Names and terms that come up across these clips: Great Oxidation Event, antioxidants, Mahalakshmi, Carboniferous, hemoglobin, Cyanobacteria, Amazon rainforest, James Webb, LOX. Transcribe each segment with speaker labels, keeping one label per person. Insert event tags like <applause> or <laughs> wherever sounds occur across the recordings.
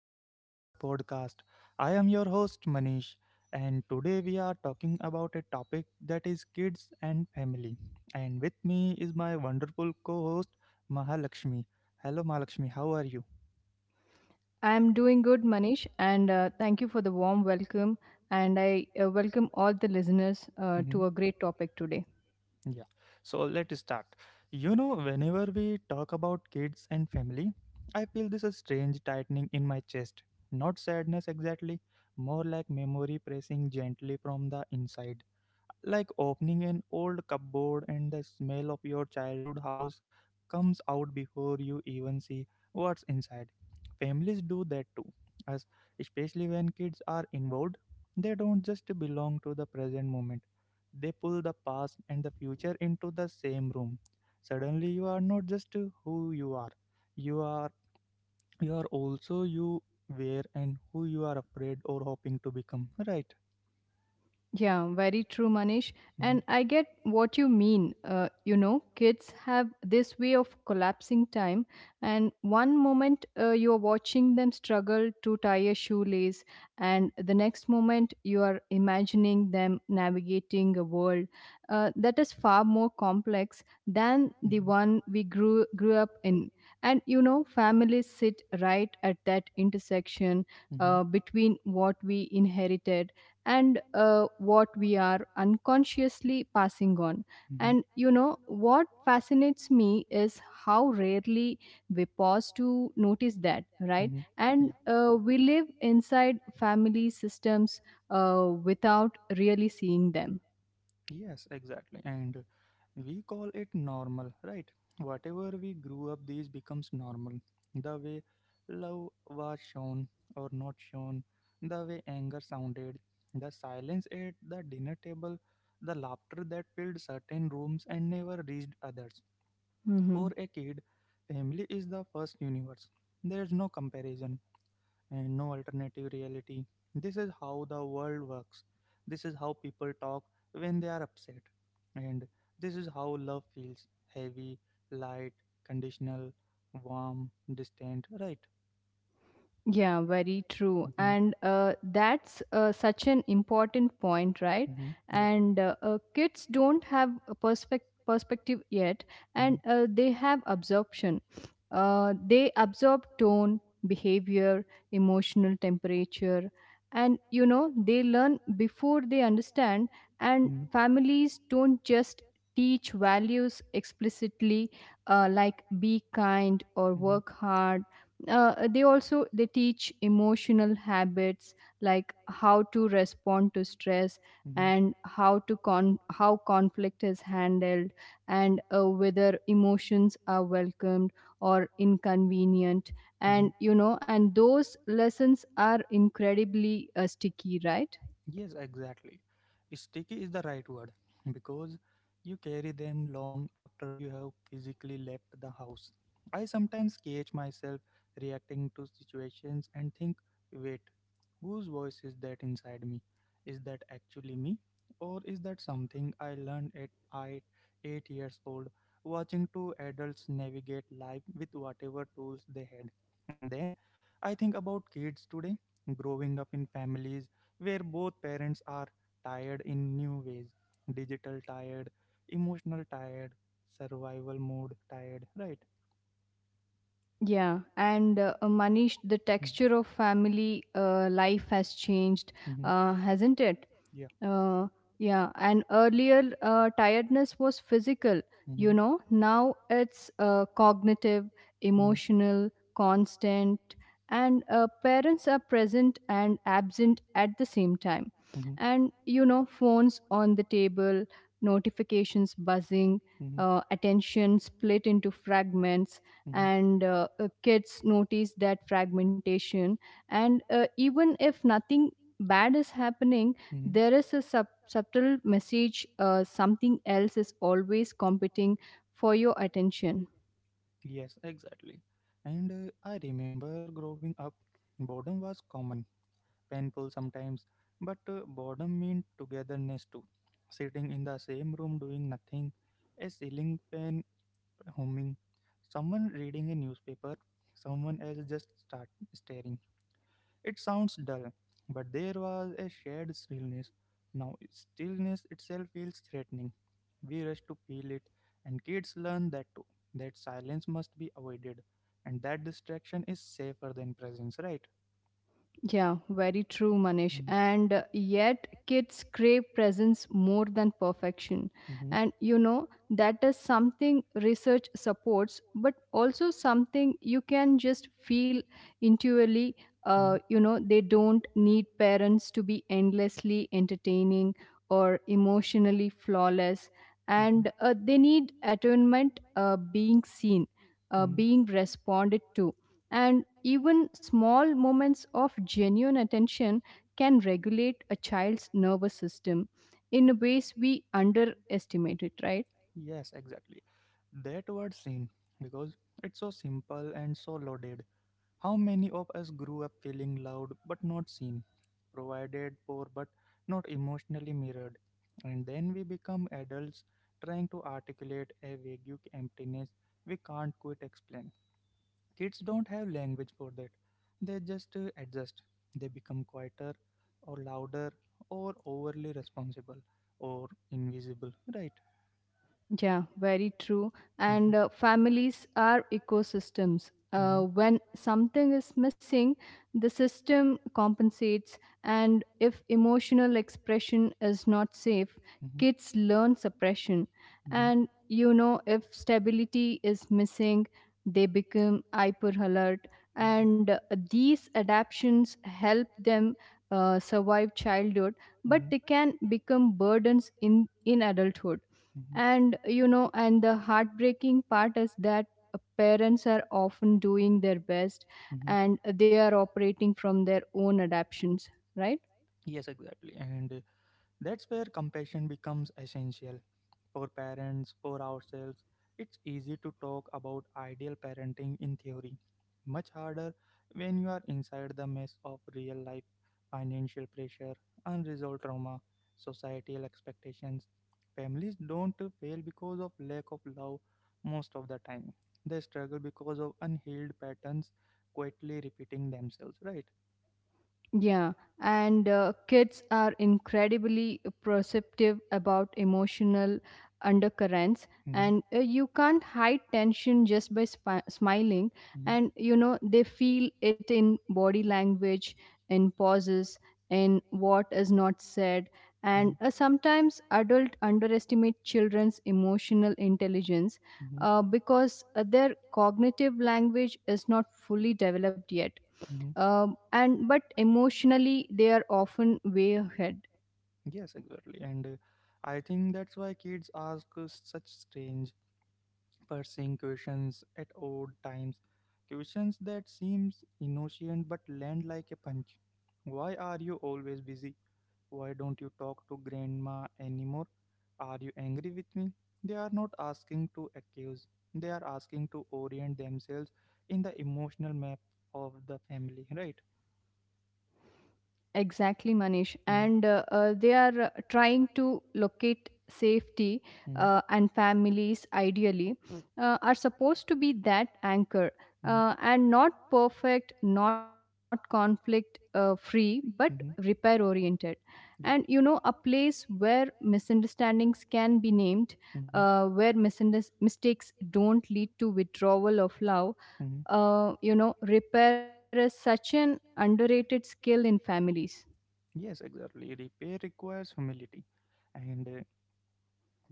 Speaker 1: welcome to the podcast. I am your host, Manish, and today we are talking about a topic that is kids and family. And with me is my wonderful co host, Mahalakshmi. Hello, Mahalakshmi, how are you?
Speaker 2: I'm doing good, Manish, and thank you for the warm welcome. And I welcome all the listeners
Speaker 1: Mhm.
Speaker 2: to a great topic today.
Speaker 1: Today. Yeah. So let's start. You know, whenever we talk about kids and family, I feel this strange tightening in my chest. Not sadness exactly, more like memory pressing gently from the inside. Like opening an old cupboard and the smell of your childhood house comes out before you even see what's inside. Families do that too, as especially when kids are involved. They don't just belong to the present moment, they pull the past and the future into the same room. Suddenly, you are not just who you are. You are you are also you were, and who you are afraid or hoping to become, right?
Speaker 2: Yeah, very true, Manish.
Speaker 1: Mhm.
Speaker 2: And I get what you mean. You know, kids have this way of collapsing time, and one moment you are watching them struggle to tie a shoelace, and the next moment you are imagining them navigating a world that is far more complex than the
Speaker 1: Mhm.
Speaker 2: one we grew up in. And you know, families sit right at that intersection
Speaker 1: Mhm.
Speaker 2: between what we inherited and what we are unconsciously passing on. And you know, what fascinates me is how rarely we pause to notice that, right?
Speaker 1: Mhm.
Speaker 2: And
Speaker 1: Yeah.
Speaker 2: we live inside family systems without really seeing them.
Speaker 1: Yes, exactly. And we call it normal, right? Whatever we grew up, these becomes normal. The way love was shown or not shown, the way anger sounded, the silence at the dinner table, the laughter that filled certain rooms and never reached others. For
Speaker 2: Mm-hmm.
Speaker 1: a kid, family is the first universe. There's no comparison, and no alternative reality. This is how the world works. This is how people talk when they are upset. And this is how love feels heavy, light, conditional, warm, distant, right?
Speaker 2: Yeah, very true.
Speaker 1: Hmm.
Speaker 2: And that's such an important point, right?
Speaker 1: Hmm. Yeah.
Speaker 2: And kids don't have a perspective yet, and
Speaker 1: Hmm.
Speaker 2: they have absorption. They absorb tone, behavior, emotional temperature, and you know, they learn before they understand. And
Speaker 1: Hmm.
Speaker 2: families don't just teach values explicitly, like be kind or work hard, they also they teach emotional habits like how to respond to stress
Speaker 1: Hmm.
Speaker 2: and how conflict is handled, and whether emotions are welcomed or inconvenient. And
Speaker 1: Hmm.
Speaker 2: you know and those lessons are incredibly sticky, right?
Speaker 1: Yes, exactly. Sticky is the right word <laughs> because you carry them long after you have physically left the house. I sometimes catch myself reacting to situations and think, wait, whose voice is that inside me? Is that actually me? Or is that something I learned at 8 years old, watching two adults navigate life with whatever tools they had? And then I think about kids today, growing up in families where both parents are tired in new ways: digital tired, emotional tired, survival mode tired, right?
Speaker 2: Yeah, and Manish, the
Speaker 1: Mm,
Speaker 2: texture of family life has changed,
Speaker 1: mhm,
Speaker 2: hasn't it?
Speaker 1: yeah.
Speaker 2: Uh, yeah, and earlier tiredness was physical, you
Speaker 1: Mm-hmm.
Speaker 2: know. Now it's cognitive,
Speaker 1: Mm-hmm.
Speaker 2: emotional, constant, and parents are present and absent at the same time.
Speaker 1: Mm-hmm.
Speaker 2: And you know, phones on the table, notifications buzzing,
Speaker 1: Mm-hmm.
Speaker 2: attention split into fragments,
Speaker 1: Mm-hmm.
Speaker 2: and kids notice that fragmentation. And even if nothing bad is happening,
Speaker 1: Mm-hmm.
Speaker 2: there is a subtle message, something else is always competing for your attention.
Speaker 1: Yes, exactly. And I remember growing up, boredom was common, painful sometimes, but boredom meant togetherness too. Sitting in the same room doing nothing, a ceiling fan humming, someone reading a newspaper, someone else just start staring. It sounds dull, but there was a shared stillness. Now, stillness itself feels threatening. We rush to feel it, and kids learn that too. That silence must be avoided, and that distraction is safer than presence, right?
Speaker 2: Yeah, very true, Manish.
Speaker 1: Mm.
Speaker 2: And yet, kids crave presence more than perfection.
Speaker 1: Hmm.
Speaker 2: And you know, that is something research supports, but also something you can just feel intuitively.
Speaker 1: Hmm.
Speaker 2: You know, they don't need parents to be endlessly entertaining or emotionally flawless,
Speaker 1: Hmm.
Speaker 2: and they need attunement, being seen,
Speaker 1: Mm.
Speaker 2: being responded to. And even small moments of genuine attention can regulate a child's nervous system in ways we underestimate it, right?
Speaker 1: Yes, exactly. That word seen, because it's so simple and so loaded. How many of us grew up feeling loved but not seen, provided for but not emotionally mirrored? And then we become adults trying to articulate a vague emptiness we can't quite explain. Kids don't have language for that. They just adjust. They become quieter or louder or overly responsible or invisible, right?
Speaker 2: Yeah, very true. And
Speaker 1: Mm-hmm.
Speaker 2: families are ecosystems. When something is missing, the system compensates. And if emotional expression is not safe,
Speaker 1: Mm-hmm.
Speaker 2: kids learn suppression.
Speaker 1: Mm-hmm.
Speaker 2: And you know, if stability is missing, they become hyper alert. And
Speaker 1: Mm-hmm.
Speaker 2: these adaptations help them survive childhood, but they
Speaker 1: Mm-hmm.
Speaker 2: can become burdens in adulthood.
Speaker 1: Mm-hmm.
Speaker 2: And you know, and the heartbreaking part is that parents are often doing their best
Speaker 1: Mm-hmm.
Speaker 2: and they are operating from their own adaptations, right?
Speaker 1: Yes, exactly. And that's where compassion becomes essential, for parents, for ourselves. It's easy to talk about ideal parenting in theory, much harder when you are inside the mess of real life: financial pressure, unresolved trauma, societal expectations. Families don't fail because of lack of love most of the time. They struggle because of unhealed patterns quietly repeating themselves, right?
Speaker 2: Yeah, and kids are incredibly perceptive about emotional undercurrents,
Speaker 1: Mhm, and
Speaker 2: and you can't hide tension just by smiling.
Speaker 1: mhm.
Speaker 2: And you know, they feel it in body language, in pauses, in what is not said.
Speaker 1: Mhm,
Speaker 2: And sometimes adults underestimate children's emotional intelligence
Speaker 1: mhm,
Speaker 2: because their cognitive language is not fully developed yet,
Speaker 1: mhm.
Speaker 2: and but emotionally they are often way ahead.
Speaker 1: Yes, exactly. And I think that's why kids ask us such strange pursuing questions at odd times, questions that seems innocent but land like a punch. Why are you always busy? Why don't you talk to grandma anymore? Are you angry with me? They are not asking to accuse. They are asking to orient themselves in the emotional map of the family, right?
Speaker 2: Exactly, Manish, and
Speaker 1: Mm,
Speaker 2: they are trying to locate safety,
Speaker 1: mm,
Speaker 2: and families ideally are supposed to be that anchor,
Speaker 1: mm,
Speaker 2: and not perfect, not conflict free, but
Speaker 1: mm,
Speaker 2: repair
Speaker 1: mm.
Speaker 2: oriented, and you
Speaker 1: Yeah.
Speaker 2: know, a place where misunderstandings can be named,
Speaker 1: Hmm.
Speaker 2: where misunderstandings mistakes don't lead to withdrawal of love.
Speaker 1: Hmm.
Speaker 2: You know, repair is such an underrated skill in families.
Speaker 1: Yes, exactly. Repair requires humility, and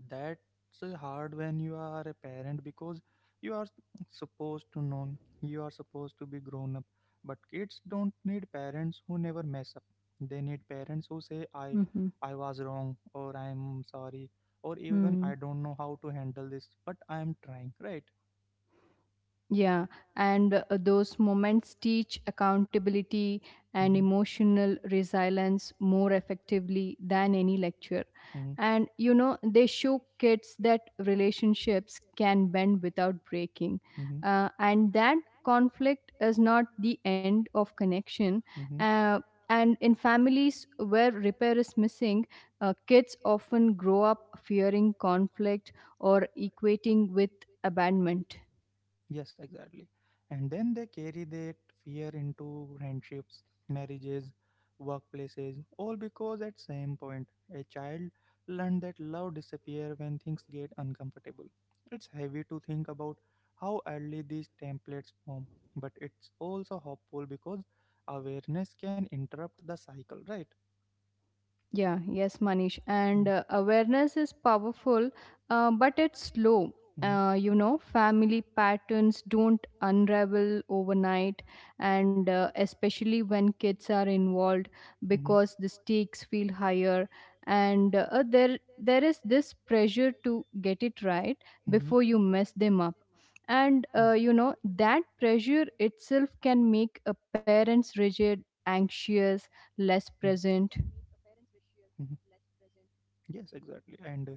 Speaker 1: that's hard when you are a parent, because you are supposed to know, you are supposed to be grown up. But kids don't need parents who never mess up. They need parents who say, "I,
Speaker 2: Mm-hmm.
Speaker 1: I was wrong," or "I'm sorry," or even, "I don't know how to handle this, but I am trying." Right?
Speaker 2: Yeah, and those moments teach accountability and
Speaker 1: Mhm.
Speaker 2: emotional resilience more effectively than any lecture.
Speaker 1: Mhm. And
Speaker 2: And you know, they show kids that relationships can bend without breaking,
Speaker 1: breaking. Mhm.
Speaker 2: and that conflict is not the end of connection.
Speaker 1: Mhm.
Speaker 2: Uh, and in families where repair is missing, kids often grow up fearing conflict or equating with abandonment.
Speaker 1: Yes, exactly. And then they carry that fear into friendships, marriages, workplaces, all because at same point a child learned that love disappear when things get uncomfortable. It's heavy to think about how early these templates form, but it's also hopeful because awareness can interrupt the cycle, right?
Speaker 2: Yeah, yes, Manish. And
Speaker 1: Mhm,
Speaker 2: awareness is powerful, but it's slow.
Speaker 1: mhm,
Speaker 2: You know, family patterns don't unravel overnight, and especially when kids are involved,
Speaker 1: mhm,
Speaker 2: because the stakes feel higher, and there is this pressure to get it right
Speaker 1: mhm,
Speaker 2: before you mess them up, and you know that pressure itself can make a parents rigid,
Speaker 1: mhm,
Speaker 2: anxious,
Speaker 1: it's,
Speaker 2: less present.
Speaker 1: mhm. Yes, exactly. And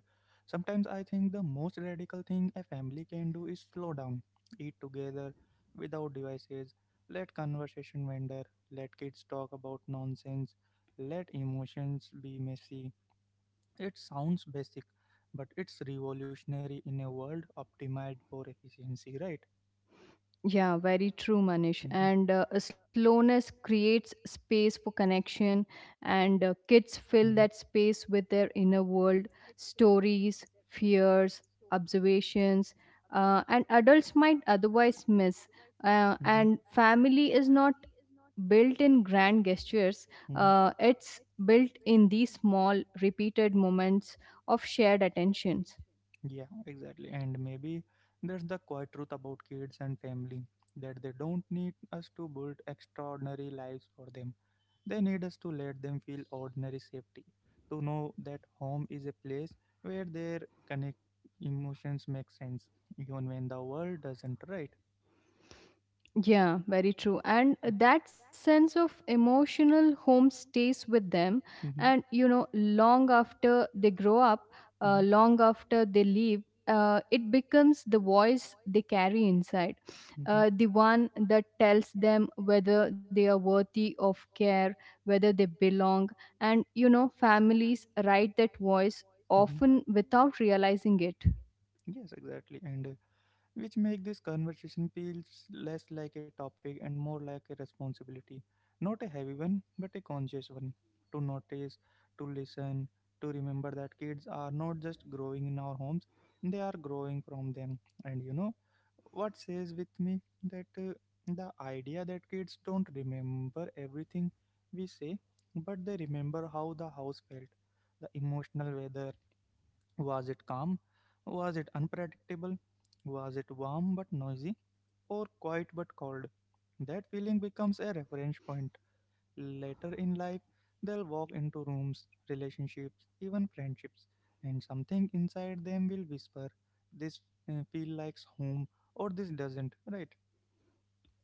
Speaker 1: sometimes I think the most radical thing a family can do is slow down, eat together without devices, let conversation wander, let kids talk about nonsense, let emotions be messy. It sounds basic, but it's revolutionary in a world optimized for efficiency, right?
Speaker 2: Yeah, very true, Manish.
Speaker 1: Hmm.
Speaker 2: And a slowness creates space for connection, and kids fill that space with their inner world, stories, fears, observations, and adults might otherwise miss.
Speaker 1: Mhm, mhm,
Speaker 2: And family is not built in grand gestures,
Speaker 1: mhm.
Speaker 2: it's built in these small, repeated moments of shared attention.
Speaker 1: Yeah, exactly. And maybe that's the quiet truth about kids and family, that they don't need us to build extraordinary lives for them. They need us to let them feel ordinary safety, to know that home is a place where their connect emotions make sense, even when the world doesn't, right?
Speaker 2: Yeah, very true. And that sense of emotional home stays with them. And, you know, long after they grow up,
Speaker 1: Mm-hmm, mm-hmm,
Speaker 2: long after they leave, it becomes the voice they carry inside,
Speaker 1: mm-hmm,
Speaker 2: the one that tells them whether they are worthy of care, whether they belong. And, you know, families write that voice
Speaker 1: mm-hmm.
Speaker 2: often without realizing it.
Speaker 1: Yes, exactly. And which make this conversation feels less like a topic and more like a responsibility, not a heavy one but a conscious one, to notice, to listen, to remember that kids are not just growing in our homes, they are growing from them. And you know what says with me, that the idea that kids don't remember everything we say, but they remember how the house felt, the emotional weather. Was it calm? Was it unpredictable? Was it warm but noisy? Or quiet but cold? That feeling becomes a reference point. Later in life, they'll walk into rooms, relationships, even friendships, and something inside them will whisper, "This feel likes home," or, "this doesn't," right?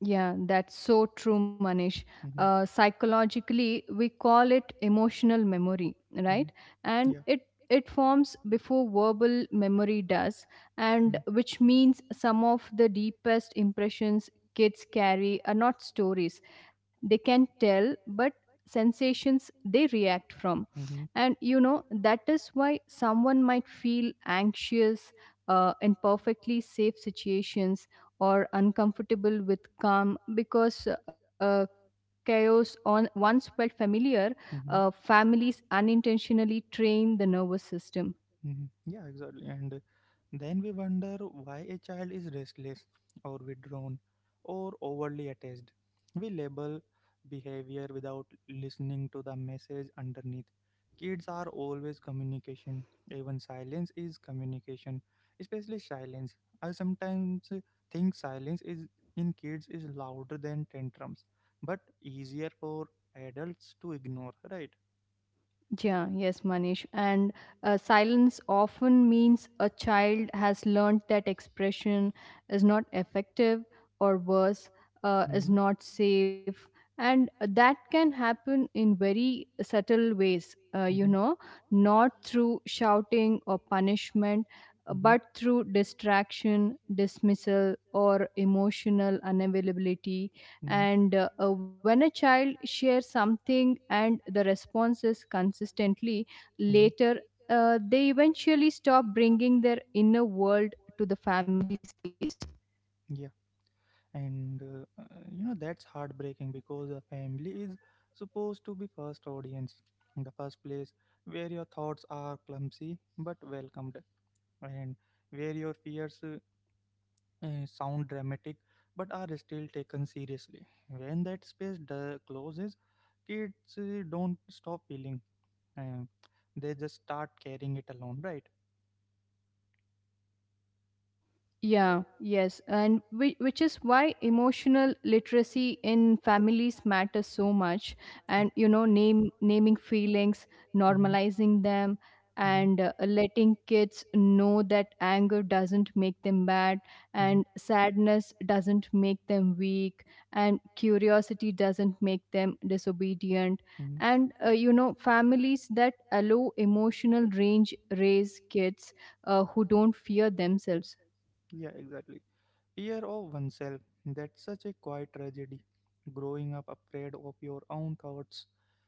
Speaker 2: Yeah, that's so true, Manish.
Speaker 1: Anish. Mm-hmm,
Speaker 2: Psychologically, we call it emotional memory,
Speaker 1: it, mm-hmm,
Speaker 2: right?
Speaker 1: right,
Speaker 2: And
Speaker 1: yeah.
Speaker 2: it forms before verbal memory does, and
Speaker 1: Hmm.
Speaker 2: which means some of the deepest impressions kids carry are not stories they can tell, but sensations they react from.
Speaker 1: Wrong.
Speaker 2: And you know that is why someone might feel anxious in perfectly safe situations or uncomfortable with calm because chaos on once felt familiar.
Speaker 1: Hmm.
Speaker 2: Families unintentionally train the nervous system.
Speaker 1: Mhm. Yeah, exactly. And then we wonder why a child is restless or withdrawn or overly attached. We label behavior without listening to the message underneath. Kids are always communication. Even silence is communication, especially silence. I sometimes think silence is in kids is louder than tantrums but easier for adults to ignore, right?
Speaker 2: Yeah, yes, Manish. And silence often means a child has learned that expression is not effective or worse,
Speaker 1: Mm-hmm.
Speaker 2: is not safe. And that can happen in very subtle ways, uh, you
Speaker 1: Mm-hmm.
Speaker 2: know, not through shouting or punishment,
Speaker 1: Mm-hmm.
Speaker 2: but through distraction, dismissal, or emotional unavailability.
Speaker 1: Mm-hmm,
Speaker 2: And when a child shares something and the response is consistently
Speaker 1: mm-hmm.
Speaker 2: later, they eventually stop bringing their inner world to the family space.
Speaker 1: Yeah, and you know that's heartbreaking, because a family is supposed to be first audience, the first place where your thoughts are clumsy but welcomed, and where your fears sound dramatic but are still taken seriously. When that space closes, kids don't stop feeling, uh, they just start carrying it alone, right?
Speaker 2: Yeah, yes. And which is why emotional literacy in families matters so much. And, you know, naming feelings,
Speaker 1: Yeah. Hmm.
Speaker 2: normalizing them,
Speaker 1: Hmm.
Speaker 2: and letting kids know that anger doesn't make them bad,
Speaker 1: Hmm.
Speaker 2: and sadness doesn't make them weak, and curiosity doesn't make them disobedient.
Speaker 1: Hmm.
Speaker 2: And, you know, families that allow emotional range raise kids who don't fear themselves.
Speaker 1: Yeah, exactly. Fear of oneself, that's such a quiet tragedy. Growing up afraid of your own thoughts,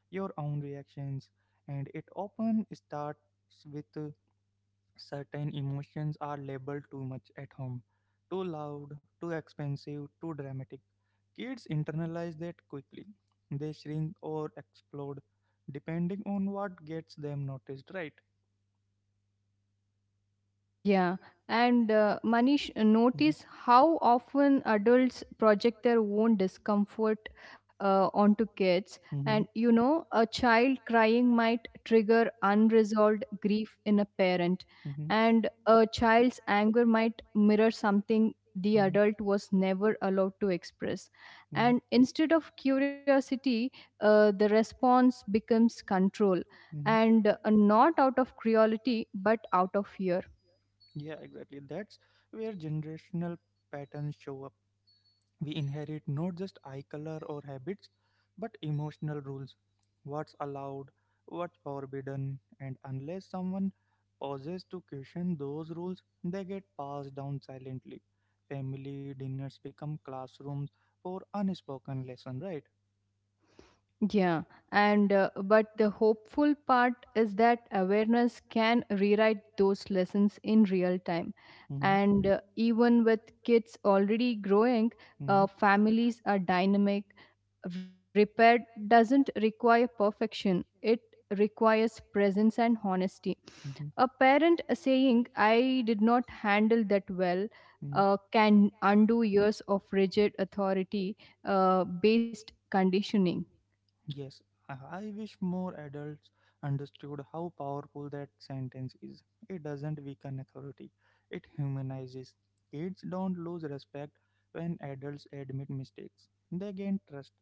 Speaker 1: your own reactions, and it often starts with certain emotions are labeled too much at home. Too loud, too expensive, too dramatic. Kids internalize that quickly. They shrink or explode depending on what gets them noticed, right?
Speaker 2: Yeah, and Manish, notice how often adults project their own discomfort onto kids. And you know, a child crying might trigger unresolved grief in a parent,
Speaker 1: Hmm.
Speaker 2: and a child's anger might mirror something
Speaker 1: Hmm.
Speaker 2: the adult was never allowed to express. And instead of curiosity, the response becomes control.
Speaker 1: Mm-hmm.
Speaker 2: And not out of cruelty, but out of fear.
Speaker 1: Yeah, exactly. That's where generational patterns show up. We inherit not just eye color or habits, but emotional rules. What's allowed, what's forbidden, and unless someone pauses to question those rules, they get passed down silently. Family dinners become classrooms for unspoken lesson, right?
Speaker 2: Yeah, and but the hopeful part is that awareness can rewrite those lessons in real time.
Speaker 1: Mm-hmm.
Speaker 2: And even with kids already growing,
Speaker 1: Correct.
Speaker 2: families are dynamic. Repair doesn't require perfection, it requires presence and honesty.
Speaker 1: Hmm.
Speaker 2: A parent saying, "I did not handle that well,"
Speaker 1: Mm.
Speaker 2: can undo years of rigid authority based conditioning.
Speaker 1: Yes, I wish more adults understood how powerful that sentence is. It doesn't weaken authority, it humanizes. Kids don't lose respect when adults admit mistakes, they gain trust.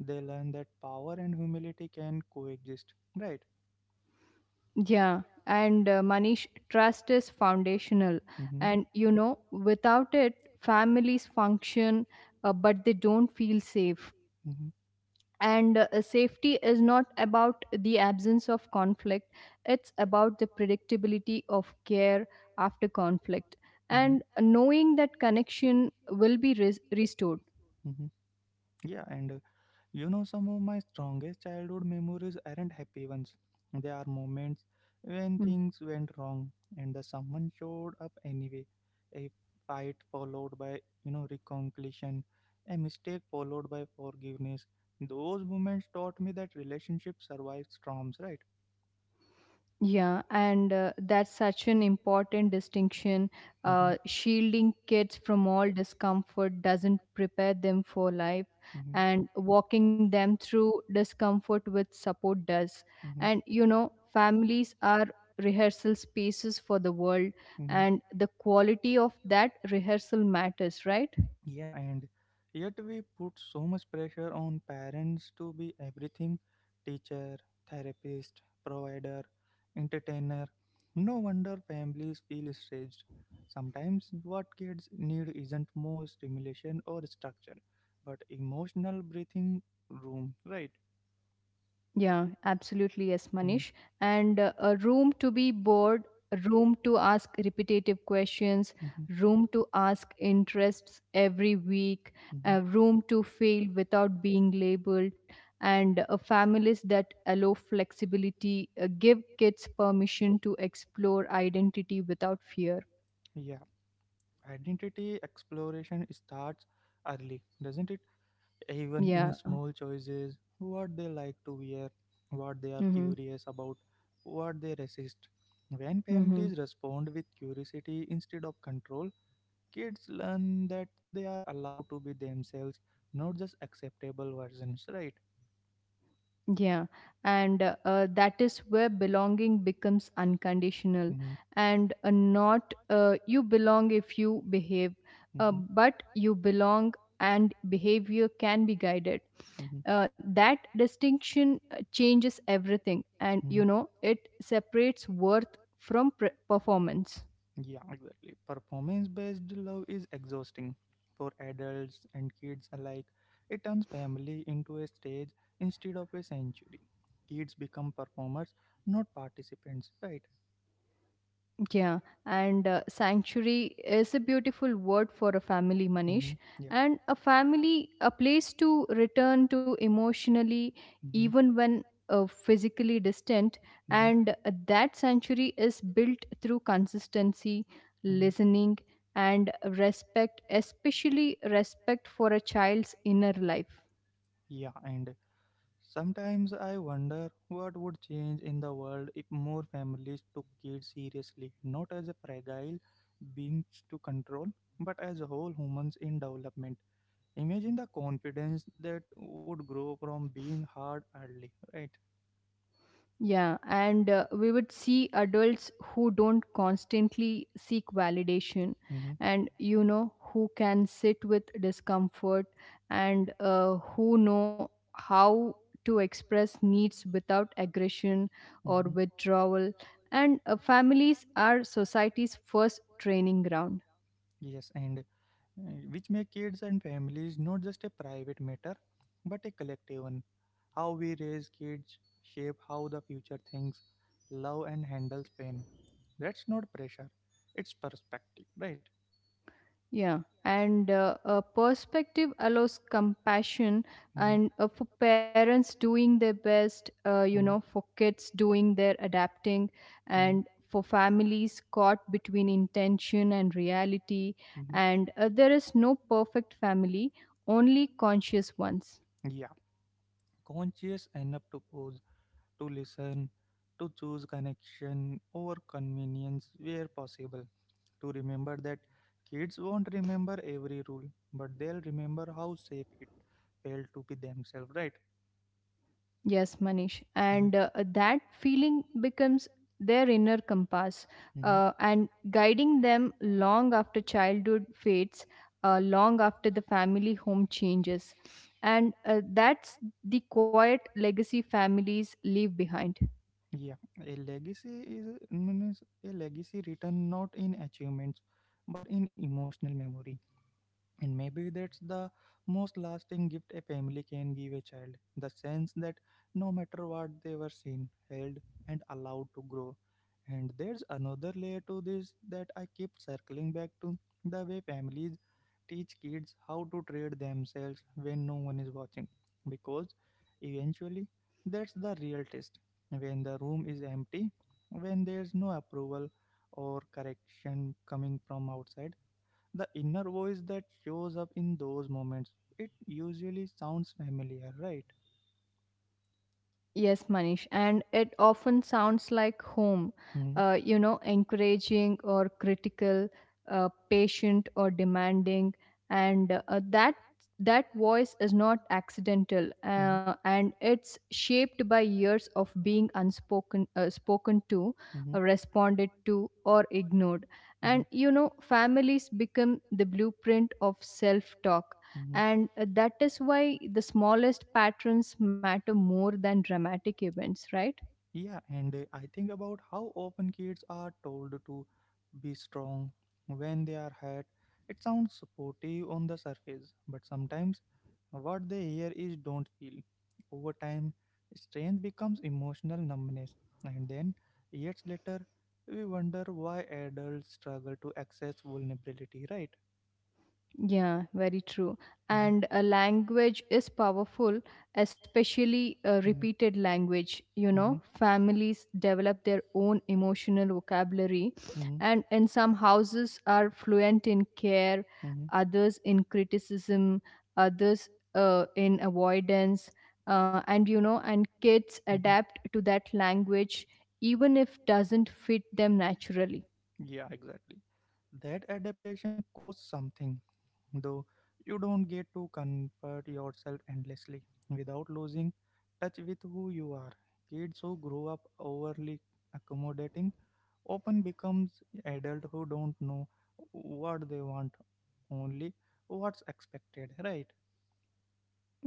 Speaker 1: They learn that power and humility can coexist, right?
Speaker 2: Yeah, and Manish, trust is foundational.
Speaker 1: Mm-hmm,
Speaker 2: And you know, without it, families function, but they don't feel safe.
Speaker 1: mm-hmm,
Speaker 2: And safety is not about the absence of conflict, it's about the predictability of care after conflict
Speaker 1: mm-hmm,
Speaker 2: and knowing that connection will be restored.
Speaker 1: mm-hmm. Yeah, and you know, some of my strongest childhood memories aren't happy ones. They are
Speaker 2: Hmm.
Speaker 1: moments when things went wrong and the someone showed up anyway. A fight followed by reconciliation, a mistake followed by forgiveness. Those moments taught me that relationship survives storms, right?
Speaker 2: Yeah, and that's such an important distinction.
Speaker 1: Mm-hmm,
Speaker 2: Shielding kids from all discomfort doesn't prepare them for life,
Speaker 1: Mm-hmm,
Speaker 2: and walking them through discomfort with support does.
Speaker 1: mm-hmm,
Speaker 2: And you know, families are rehearsal spaces for the world,
Speaker 1: mm-hmm.
Speaker 2: and the quality of that rehearsal matters, right?
Speaker 1: Yeah, and yet we put so much pressure on parents to be everything: teacher, therapist, provider, entertainer. No wonder families feel stretched. Sometimes what kids need isn't more stimulation or structure, but emotional breathing room, right?
Speaker 2: Yeah, absolutely, yes, Manish.
Speaker 1: Mhm.
Speaker 2: And a room to be bored, a room to ask repetitive questions,
Speaker 1: Questions.
Speaker 2: room to ask interests every week,
Speaker 1: Mhm, mhm.
Speaker 2: a room to fail without being labeled, and families that allow flexibility, give kids permission to explore identity without fear.
Speaker 1: Yeah, identity exploration starts early, doesn't it? Even in
Speaker 2: Yeah.
Speaker 1: small choices, what they like to wear, what they are
Speaker 2: Mm-hmm.
Speaker 1: curious about, what they resist. When
Speaker 2: Mm-hmm.
Speaker 1: families respond with curiosity instead of control, kids learn that they are allowed to be themselves, not just acceptable versions, right?
Speaker 2: Yeah, and that is where belonging becomes unconditional, and not you belong if you behave,
Speaker 1: Mm-hmm, mm-hmm,
Speaker 2: but you belong and behavior can be guided.
Speaker 1: mm-hmm,
Speaker 2: That distinction changes everything, and
Speaker 1: mm-hmm.
Speaker 2: you know, it separates worth from performance.
Speaker 1: Yeah, exactly. Performance based love is exhausting for adults and kids alike. It turns family into a stage instead of a sanctuary. Kids become performers, not participants, right?
Speaker 2: Yeah, and sanctuary is a beautiful word for a family,
Speaker 1: Mm-hmm.
Speaker 2: Manish.
Speaker 1: Yeah.
Speaker 2: And a family, a place to return to emotionally,
Speaker 1: Mm-hmm.
Speaker 2: even when physically distant.
Speaker 1: Mm-hmm.
Speaker 2: And that sanctuary is built through consistency,
Speaker 1: Mm-hmm.
Speaker 2: listening, and respect, especially respect for a child's inner life.
Speaker 1: Yeah. And sometimes I wonder what would change in the world if more families took kids seriously, not as a fragile beings to control, but as whole humans in development. Imagine the confidence that would grow from being hard early, right?
Speaker 2: Yeah, and we would see adults who don't constantly seek validation
Speaker 1: Hmm.
Speaker 2: and you know who can sit with discomfort and who know how to express needs without aggression or
Speaker 1: Hmm.
Speaker 2: withdrawal. And families are society's first training ground.
Speaker 1: Yes, and uh, which make kids and families not just a private matter, but a collective one. How we raise kids shape how the future thinks, love, and handles pain. That's not pressure; it's perspective, right?
Speaker 2: Yeah, and a perspective allows compassion,
Speaker 1: Mm-hmm.
Speaker 2: and for parents doing their best, you know, for kids doing their adapting,
Speaker 1: Mm-hmm.
Speaker 2: and for families caught between intention and reality.
Speaker 1: Mhm.
Speaker 2: And there is no perfect family, only conscious ones.
Speaker 1: Yeah, conscious enough to pause, to listen, to choose connection over convenience where possible, to remember that kids won't remember every rule, but they'll remember how safe it felt to be themselves, right?
Speaker 2: Yes, Manish. And
Speaker 1: Mhm.
Speaker 2: that feeling becomes their inner compass
Speaker 1: Mm-hmm.
Speaker 2: and guiding them long after childhood fades, long after the family home changes. And that's the quiet legacy families leave behind.
Speaker 1: Yeah, a legacy is means a legacy written not in achievements but in emotional memory. And maybe that's the most lasting gift a family can give a child the sense that no matter what they were seen, held, and allowed to grow. And there's another layer to this that I keep circling back to the way families teach kids how to treat themselves when no one is watching. Because eventually, that's the real test. When the room is empty, when there's no approval or correction coming from outside the inner voice that shows up in those moments, it usually sounds familiar, right?
Speaker 2: Yes, Manish, and it often sounds like home,
Speaker 1: Home. Hmm.
Speaker 2: encouraging or critical, patient or demanding, and that voice is not accidental, and it's shaped by years of being spoken to, responded to, or ignored,
Speaker 1: To.
Speaker 2: and you know, families become the blueprint of self-talk.
Speaker 1: Hmm.
Speaker 2: And That is why the smallest patterns matter more than dramatic events, right?
Speaker 1: Yeah, and I think about how often kids are told to be strong when they are hurt. It sounds supportive on the surface, but sometimes what they hear is don't feel. Over time, strength becomes emotional numbness, and then years later, we wonder why adults struggle to access vulnerability, right?
Speaker 2: Yeah, very true.
Speaker 1: Hmm.
Speaker 2: And a language is powerful, especially a
Speaker 1: Hmm.
Speaker 2: repeated language. You know,
Speaker 1: Hmm.
Speaker 2: families develop their own emotional vocabulary,
Speaker 1: Hmm.
Speaker 2: and in some houses are fluent in care,
Speaker 1: Hmm.
Speaker 2: others in criticism, others in avoidance. And kids
Speaker 1: Hmm.
Speaker 2: adapt to that language even if doesn't fit them naturally.
Speaker 1: Yeah, exactly. That adaptation costs something, though you don't get to comfort yourself endlessly without losing touch with who you are. Kids who grow up overly accommodating often becomes adults who don't know what they want, only what's expected, right?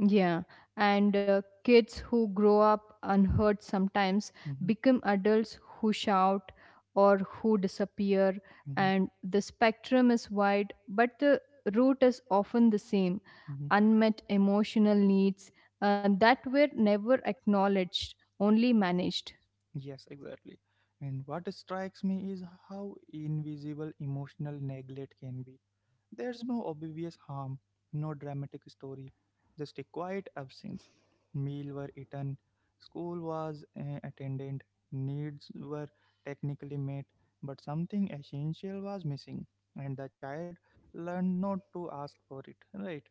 Speaker 2: Yeah, and kids who grow up unheard sometimes become adults who shout or who disappear,
Speaker 1: Mhm, mhm,
Speaker 2: and the spectrum is wide, but the root is often the same:
Speaker 1: mhm.
Speaker 2: unmet emotional needs that were never acknowledged, only managed.
Speaker 1: Yes, exactly. And what strikes me is how invisible emotional neglect can be. There's no obvious harm, no dramatic story, just a quiet absence. Meal were eaten, school was attended, needs were technically met, but something essential was missing, and the child learned not to ask for it, right?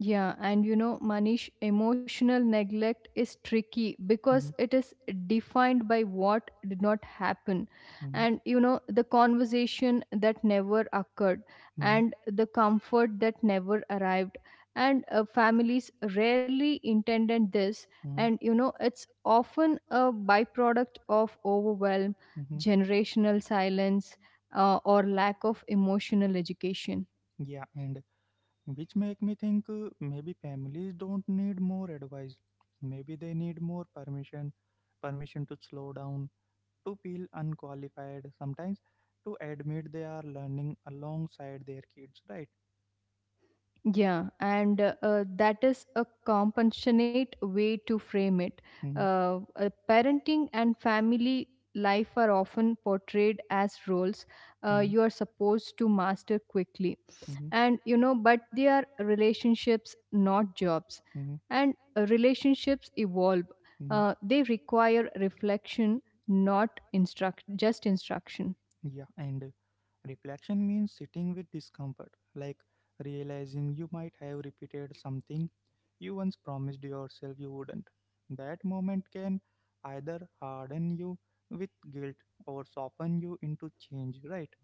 Speaker 2: Yeah, and you know, Manish, emotional neglect is tricky because
Speaker 1: Mm-hmm, is
Speaker 2: it is defined by what did not happen,
Speaker 1: mm-hmm,
Speaker 2: and you know, the conversation that never occurred,
Speaker 1: mm-hmm.
Speaker 2: and the comfort that never arrived. And Families rarely intended this,
Speaker 1: Mm,
Speaker 2: and you know, it's often a byproduct of overwhelm,
Speaker 1: mhm.
Speaker 2: generational silence, or lack of emotional education.
Speaker 1: Yeah, and which make me think maybe families don't need more advice. Maybe they need more permission, permission to slow down, to feel unqualified, sometimes to admit they are learning alongside their kids, right?
Speaker 2: Yeah, and that is a compassionate way to frame it.
Speaker 1: Mm-hmm,
Speaker 2: Parenting and family life are often portrayed as roles
Speaker 1: mm-hmm,
Speaker 2: you are supposed to master quickly. But they are relationships, not jobs.
Speaker 1: mm-hmm, mm-hmm.
Speaker 2: And Relationships evolve, they require reflection, not instruct, just instruction.
Speaker 1: Yeah, and reflection means sitting with discomfort, like realizing you might have repeated something you once promised yourself you wouldn't. That moment can either harden you with guilt or soften you into change, right?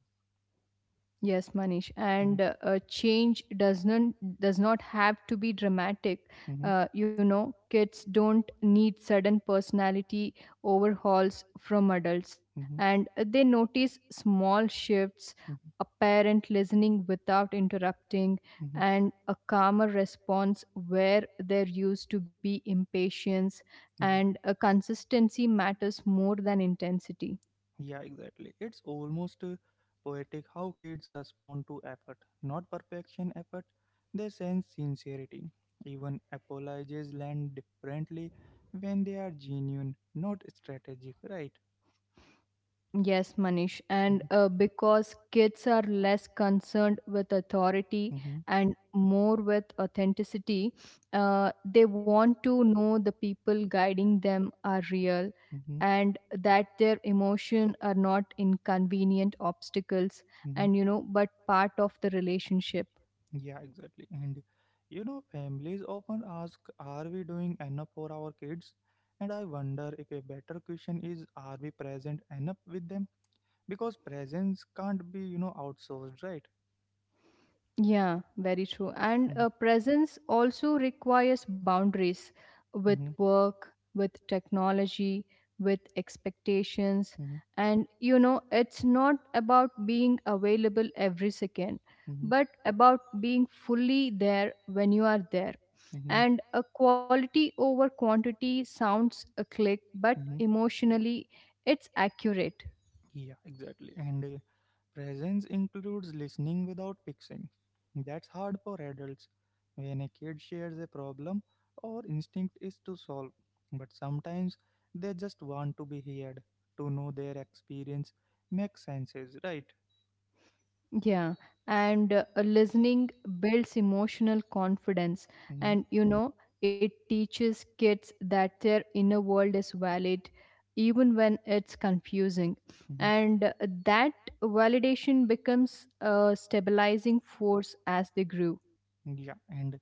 Speaker 2: Yes, Manish,
Speaker 1: Mm-hmm,
Speaker 2: and change does not have to be dramatic.
Speaker 1: mm-hmm,
Speaker 2: Kids don't need sudden personality overhauls from adults,
Speaker 1: mm-hmm,
Speaker 2: and they notice small shifts: a parent listening without interrupting,
Speaker 1: mm-hmm,
Speaker 2: and a calmer response where there used to be impatience.
Speaker 1: yeah.
Speaker 2: And Consistency matters more than intensity.
Speaker 1: Yeah, exactly. It's almost poetic how kids respond to effort, not perfection effort. They sense sincerity. Even apologies land differently when they are genuine, not strategic, right?
Speaker 2: Yes, Manish, and
Speaker 1: Mm-hmm.
Speaker 2: because kids are less concerned with authority
Speaker 1: Hmm.
Speaker 2: and more with authenticity. They want to know the people guiding them are real and that their emotion are not inconvenient obstacles,
Speaker 1: Hmm.
Speaker 2: and you know but part of the relationship.
Speaker 1: Yeah, exactly. And you know, families often ask, are we doing enough for our kids? And I wonder if a better question is, are we present enough with them? Because presence can't be outsourced, right?
Speaker 2: Yeah, very true. And Presence also requires boundaries with
Speaker 1: Hmm.
Speaker 2: work, with technology, with expectations.
Speaker 1: Hmm.
Speaker 2: And you know, it's not about being available every second,
Speaker 1: Hmm.
Speaker 2: but about being fully there when you are there.
Speaker 1: Hmm.
Speaker 2: And a quality over quantity sounds a click, but
Speaker 1: Hmm.
Speaker 2: emotionally, it's accurate.
Speaker 1: Yeah, exactly. And presence includes listening without fixing. That's hard for adults when a kid shares a problem our instinct is to solve. But sometimes they just want to be heard, to know their experience, make senses, right?
Speaker 2: Yeah, and listening builds emotional confidence,
Speaker 1: Mm-hmm,
Speaker 2: and you know, it teaches kids that their inner world is valid even when it's confusing.
Speaker 1: mm-hmm.
Speaker 2: And That validation becomes a stabilizing force as they grow.
Speaker 1: Yeah, and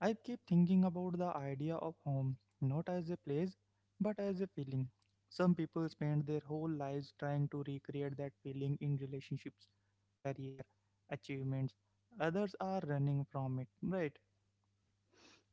Speaker 1: I keep thinking about the idea of home, not as a place, but as a feeling. Some people spend their whole lives trying to recreate that feeling in relationships, career, achievements. Others are running from it, right?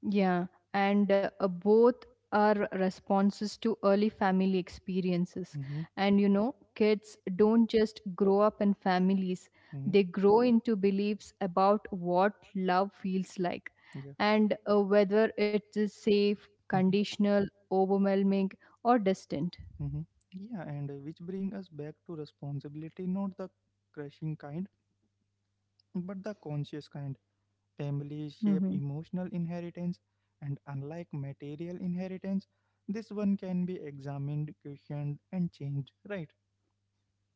Speaker 2: Yeah, and both are responses to early family experiences.
Speaker 1: Mm-hmm,
Speaker 2: And you know, kids don't just grow up in families, they
Speaker 1: mm-hmm,
Speaker 2: grow into beliefs about what love feels like,
Speaker 1: yeah,
Speaker 2: and whether it is safe,
Speaker 1: mm-hmm,
Speaker 2: conditional, overwhelming, or distant.
Speaker 1: mm-hmm. Yeah. And which bring us back to responsibility, not the crushing kind, but the conscious kind. Families shape
Speaker 2: Mm-hmm.
Speaker 1: emotional inheritance, and unlike material inheritance, this one can be examined, questioned, and changed, right?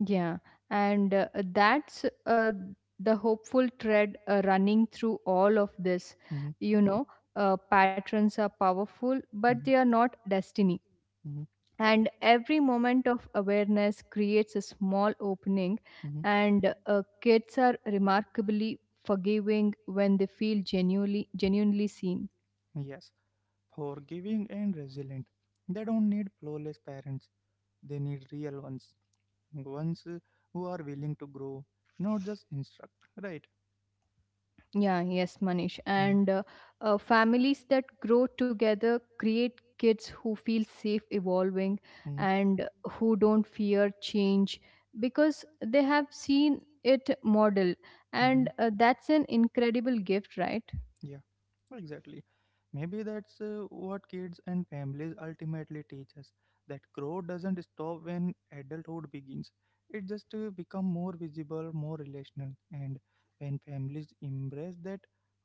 Speaker 2: Yeah, and that's the hopeful thread running through all of this.
Speaker 1: Mhm,
Speaker 2: You know,
Speaker 1: pa-
Speaker 2: patterns are powerful,
Speaker 1: mhm.
Speaker 2: but they are not destiny.
Speaker 1: Aggressive.
Speaker 2: And every moment of awareness creates a small opening,
Speaker 1: Mhm,
Speaker 2: and kids are remarkably forgiving when they feel genuinely seen.
Speaker 1: mhm. Yes, forgiving and resilient. They don't need flawless parents, they need real ones. Ones who are willing to grow, not just instruct, right?
Speaker 2: Yeah, yes, Manish. And families that grow together create kids who feel safe evolving
Speaker 1: Mhm, and mhm,
Speaker 2: and who don't fear change because they have seen it model. And
Speaker 1: mhm.
Speaker 2: that's an incredible gift, right?
Speaker 1: Yeah, exactly. Maybe that's what kids and families ultimately teach us that growth doesn't stop when adulthood begins. It just become more visible, more relational, and when families embrace that,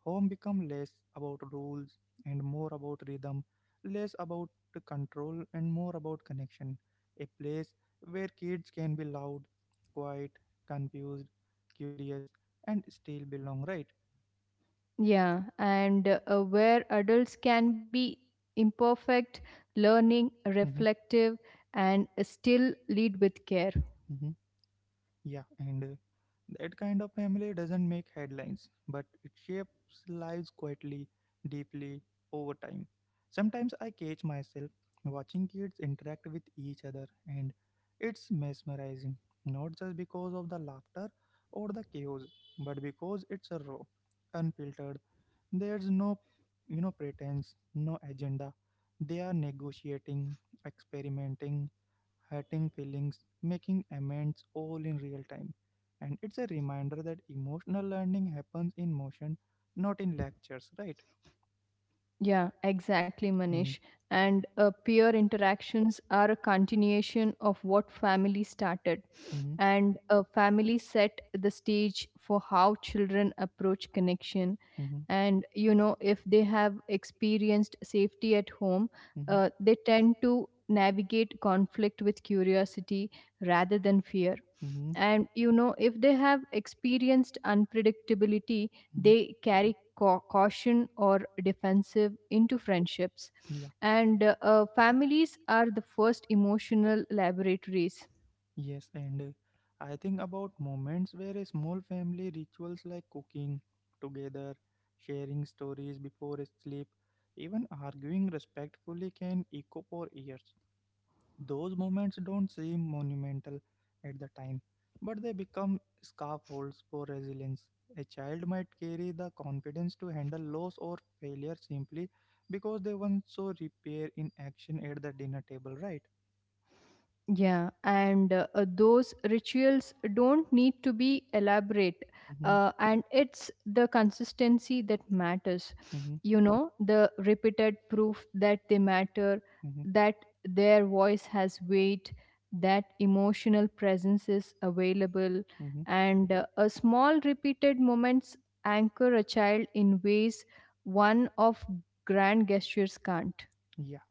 Speaker 1: home become less about rules and more about rhythm, less about the control and more about connection. A place where kids can be loud, quiet, confused, curious, and still belong. Right?
Speaker 2: Yeah, and where adults can be imperfect, learning,
Speaker 1: Hmm.
Speaker 2: reflective, and still lead with care.
Speaker 1: Hmm. Yeah, and that kind of family doesn't make headlines, but it shapes lives quietly, deeply, over time. Sometimes I catch myself watching kids interact with each other, and it's mesmerizing, not just because of the laughter or the chaos, but because it's a raw, unfiltered. There's no pretense, no agenda. They are negotiating, experimenting, hurting feelings, making amends all in real time. And it's a reminder that emotional learning happens in motion, not in lectures, right?
Speaker 2: Yeah, exactly,
Speaker 1: Hmm.
Speaker 2: Manish. And Peer interactions are a continuation of what family started.
Speaker 1: Hmm.
Speaker 2: And a family set the stage for how children approach connection. And, you know, if they have experienced safety at home,
Speaker 1: Hmm. Hmm.
Speaker 2: they tend to navigate conflict with curiosity rather than fear.
Speaker 1: Hmm.
Speaker 2: And you know, if they have experienced unpredictability, they carry caution or defensive into friendships. And families are the first emotional laboratories.
Speaker 1: Yes, and I think about moments where a small family rituals like cooking together, sharing stories before sleep, even arguing respectfully can echo for years. Those moments don't seem monumental at the time, but they become scaffolds for resilience. A child might carry the confidence to handle loss or failure simply because they once saw repair in action at the dinner table, right?
Speaker 2: Yeah, and those rituals don't need to be elaborate,
Speaker 1: Mm-hmm.
Speaker 2: and it's the consistency that matters. You know, the repeated proof that they matter,
Speaker 1: Hmm.
Speaker 2: that their voice has weight, that emotional presence is available,
Speaker 1: Hmm.
Speaker 2: and a small repeated moments anchor a child in ways one of grand gestures can't.
Speaker 1: Yeah,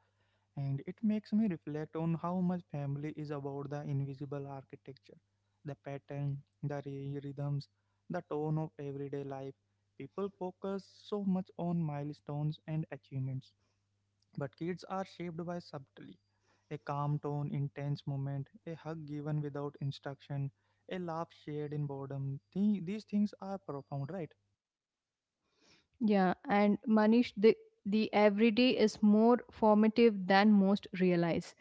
Speaker 1: and it makes me reflect on how much family is about the invisible architecture, the pattern, the rhythms, the tone of everyday life. People focus so much on milestones and achievements, but kids are shaped by subtlety. A calm tone, intense moment, a hug given without instruction, a laugh shared in boredom. These things are profound, right?
Speaker 2: Yeah, and Manish, the everyday is more formative than most realize.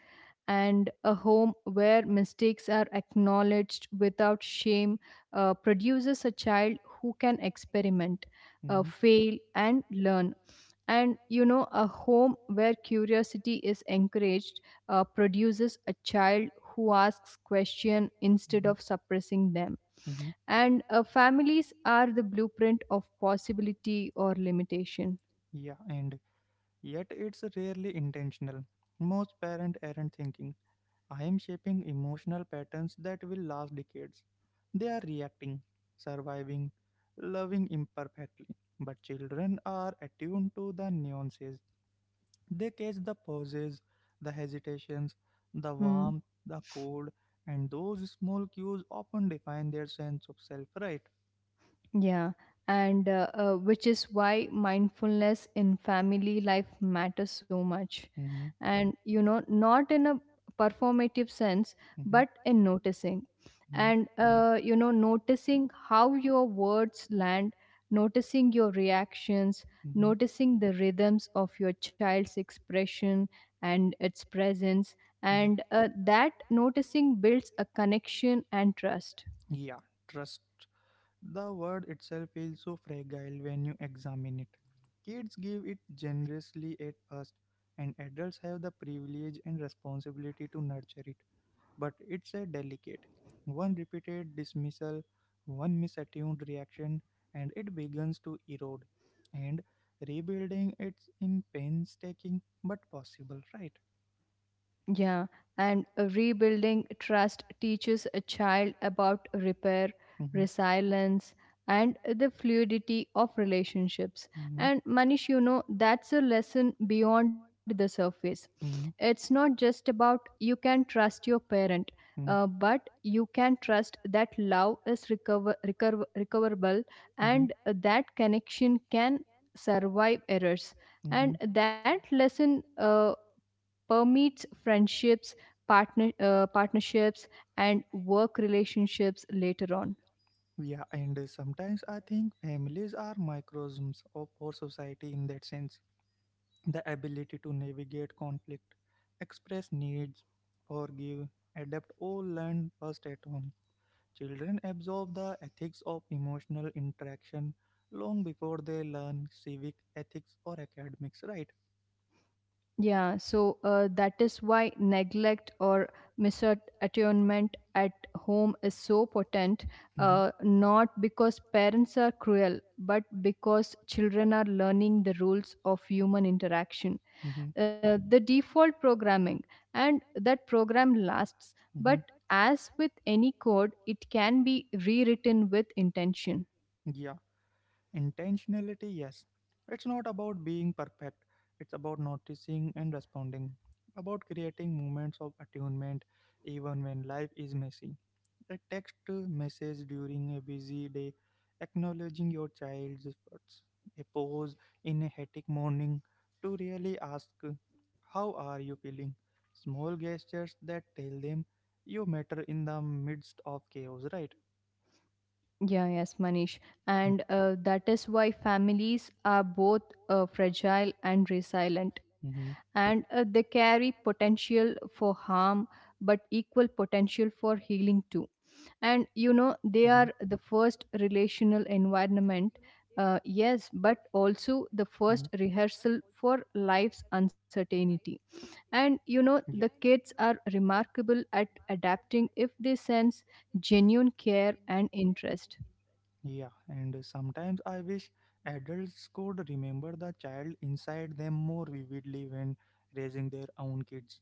Speaker 2: And a home where mistakes are acknowledged without shame produces a child who can experiment,
Speaker 1: Mhm,
Speaker 2: fail, and learn. And you know, a home where curiosity is encouraged produces a child who asks questions instead
Speaker 1: mhm,
Speaker 2: of suppressing them.
Speaker 1: mhm.
Speaker 2: And Families are the blueprint of possibility or limitation.
Speaker 1: Yeah, and yet it's rarely intentional. Most parents aren't thinking, I am shaping emotional patterns that will last decades. They are reacting, surviving, loving imperfectly. But children are attuned to the nuances. They catch the pauses, the hesitations, the
Speaker 2: Hmm.
Speaker 1: warmth, the cold, and those small cues often define their sense of self, right?
Speaker 2: Yeah, and which is why mindfulness in family life matters so much. And you know, not in a performative sense, but in noticing.
Speaker 1: Mm-hmm,
Speaker 2: Noticing how your words land, noticing your reactions,
Speaker 1: mm-hmm, mm-hmm,
Speaker 2: noticing the rhythms of your child's expression and its presence.
Speaker 1: yeah.
Speaker 2: And that noticing builds a connection and trust.
Speaker 1: Yeah, trust. The word itself feels so fragile when you examine it. Kids give it generously at first, and adults have the privilege and responsibility to nurture it. But it's a delicate. One repeated dismissal, one misattuned reaction, and it begins to erode. And rebuilding it's in painstaking but possible, right?
Speaker 2: Yeah, and rebuilding trust teaches a child about repair,
Speaker 1: Mm-hmm,
Speaker 2: resilience, and the fluidity of relationships.
Speaker 1: mm-hmm,
Speaker 2: And Manish, you know, that's a lesson beyond the surface.
Speaker 1: mm-hmm,
Speaker 2: It's not just about you can trust your parent,
Speaker 1: mm-hmm,
Speaker 2: but you can trust that love is recoverable
Speaker 1: mm-hmm.
Speaker 2: and that connection can survive errors.
Speaker 1: Mm-hmm.
Speaker 2: And that lesson permeates friendships, partnerships, and work relationships later on.
Speaker 1: Yeah, and sometimes I think families are microcosms of our society in that sense. The ability to navigate conflict, express needs, forgive, adapt all learned first at home. Children absorb the ethics of emotional interaction long before they learn civic ethics or academics, right?
Speaker 2: Yeah, so that is why neglect or misattunement at home is so potent,
Speaker 1: Mhm,
Speaker 2: not because parents are cruel, but because children are learning the rules of human interaction: the default programming. And that program lasts,
Speaker 1: mhm, mhm.
Speaker 2: but as with any code, it can be rewritten with intention.
Speaker 1: Yeah, intentionality, yes. It's not about being perfect, it's about noticing and responding, about creating moments of attunement even when life is messy. A text message during a busy day acknowledging your child's efforts, a pause in a hectic morning to really ask, how are you feeling? Small gestures that tell them you matter in the midst of chaos, right?
Speaker 2: Yeah, yes, Manish,
Speaker 1: uh,
Speaker 2: and that is why families are both fragile and resilient.
Speaker 1: Mm-hmm,
Speaker 2: And They carry potential for harm but equal potential for healing too.
Speaker 1: mm-hmm,
Speaker 2: And you know, they are the first relational environment, yes, but also the
Speaker 1: mm-hmm.
Speaker 2: first rehearsal for life's uncertainty. And you know, the
Speaker 1: Yeah.
Speaker 2: kids are remarkable at adapting if they sense genuine care and interest.
Speaker 1: Yeah, and sometimes I wish adults could remember the child inside them more vividly when raising their own kids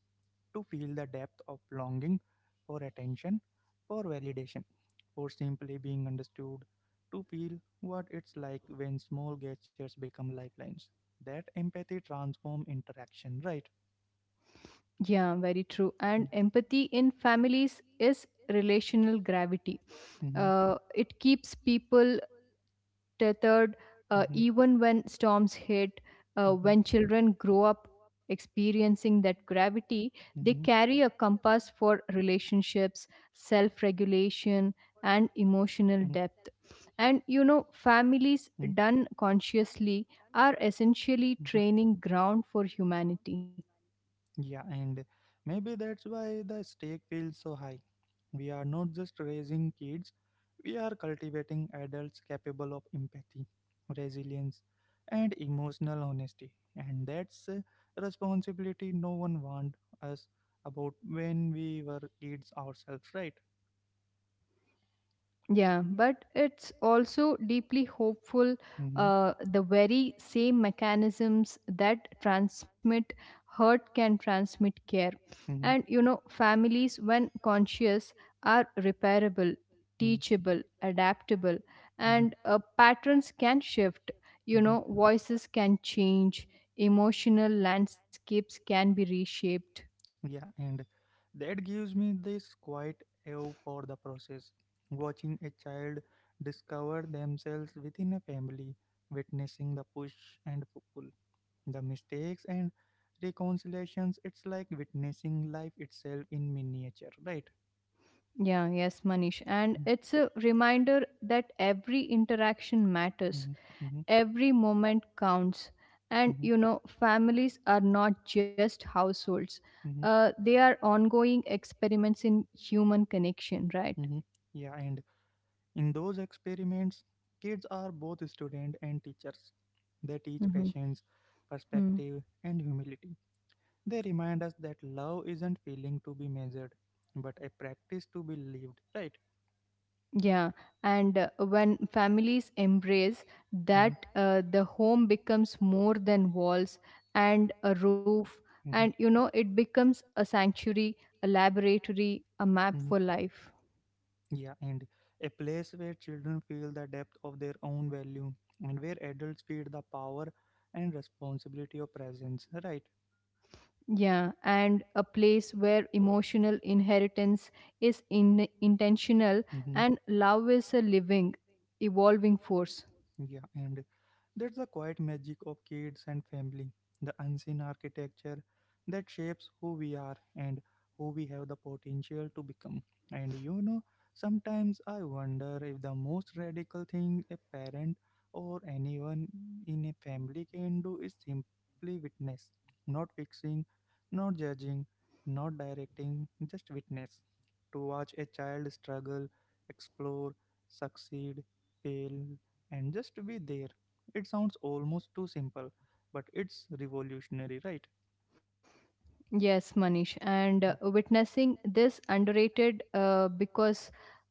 Speaker 1: to feel the depth of longing for attention, for validation, for simply being understood, to feel what it's like when small gestures become lifelines. That empathy transform interaction, right?
Speaker 2: Yeah, very true. And empathy in families is relational gravity.
Speaker 1: Mm-hmm,
Speaker 2: It keeps people tethered
Speaker 1: mm-hmm,
Speaker 2: even when storms hit. When
Speaker 1: mm-hmm,
Speaker 2: children grow up experiencing that gravity, they
Speaker 1: mm-hmm,
Speaker 2: carry a compass for relationships, self regulation, and emotional depth. And you know,
Speaker 1: mm-hmm,
Speaker 2: families done consciously are
Speaker 1: mm-hmm.
Speaker 2: essentially training ground for humanity.
Speaker 1: Yeah, and maybe that's why the stake feels so high. We are not just raising kids, we are cultivating adults capable of empathy, resilience, and emotional honesty. And that's a responsibility no one warned us about when we were kids ourselves, right?
Speaker 2: Yeah, but it's also deeply hopeful. The very same mechanisms that transmit hurt can transmit care.
Speaker 1: Mm-hmm,
Speaker 2: And you know, families, when conscious, are repairable,
Speaker 1: mm-hmm,
Speaker 2: teachable, adaptable, and patterns can shift. You know,
Speaker 1: mm-hmm.
Speaker 2: voices can change, emotional landscapes can be reshaped.
Speaker 1: Yeah, and that gives me this quiet awe for the process. Watching a child discover themselves within a family, witnessing the push and pull, the mistakes and reconciliations, it's like witnessing life itself in miniature, right?
Speaker 2: Yeah, yes, Manish. And it's a reminder that every interaction matters,
Speaker 1: Mm-hmm, mm-hmm,
Speaker 2: every moment counts. And
Speaker 1: mm-hmm,
Speaker 2: you know, families are not just households,
Speaker 1: hmm,
Speaker 2: they are ongoing experiments in human connection, right?
Speaker 1: hmm. Yeah, and in those experiments, kids are both students and teachers. They teach
Speaker 2: Hmm.
Speaker 1: patience,
Speaker 2: Hmm.
Speaker 1: perspective, and humility. They remind us that love isn't feeling to be measured, but a practice to be lived, right?
Speaker 2: Yeah, and when families embrace
Speaker 1: Hmm.
Speaker 2: that, the home becomes more than walls and a roof. And
Speaker 1: Hmm.
Speaker 2: you know, it becomes a sanctuary, a laboratory, a map
Speaker 1: Hmm.
Speaker 2: for life.
Speaker 1: Yeah, and a place where children feel the depth of their own value and where adults feel the power and responsibility of presence, right?
Speaker 2: Yeah, and a place where emotional inheritance is intentional
Speaker 1: Hmm.
Speaker 2: and love is a living, evolving force.
Speaker 1: Yeah, and that's the quiet magic of kids and family, the unseen architecture that shapes who we are and who we have the potential to become. And sometimes I wonder if the most radical thing a parent or anyone in a family can do is simply witness, not fixing, not judging, not directing, just witness. To watch a child struggle, explore, succeed, fail, and just be there it sounds almost too simple, but it's revolutionary, right?
Speaker 2: Yes, Manish, and witnessing this underrated because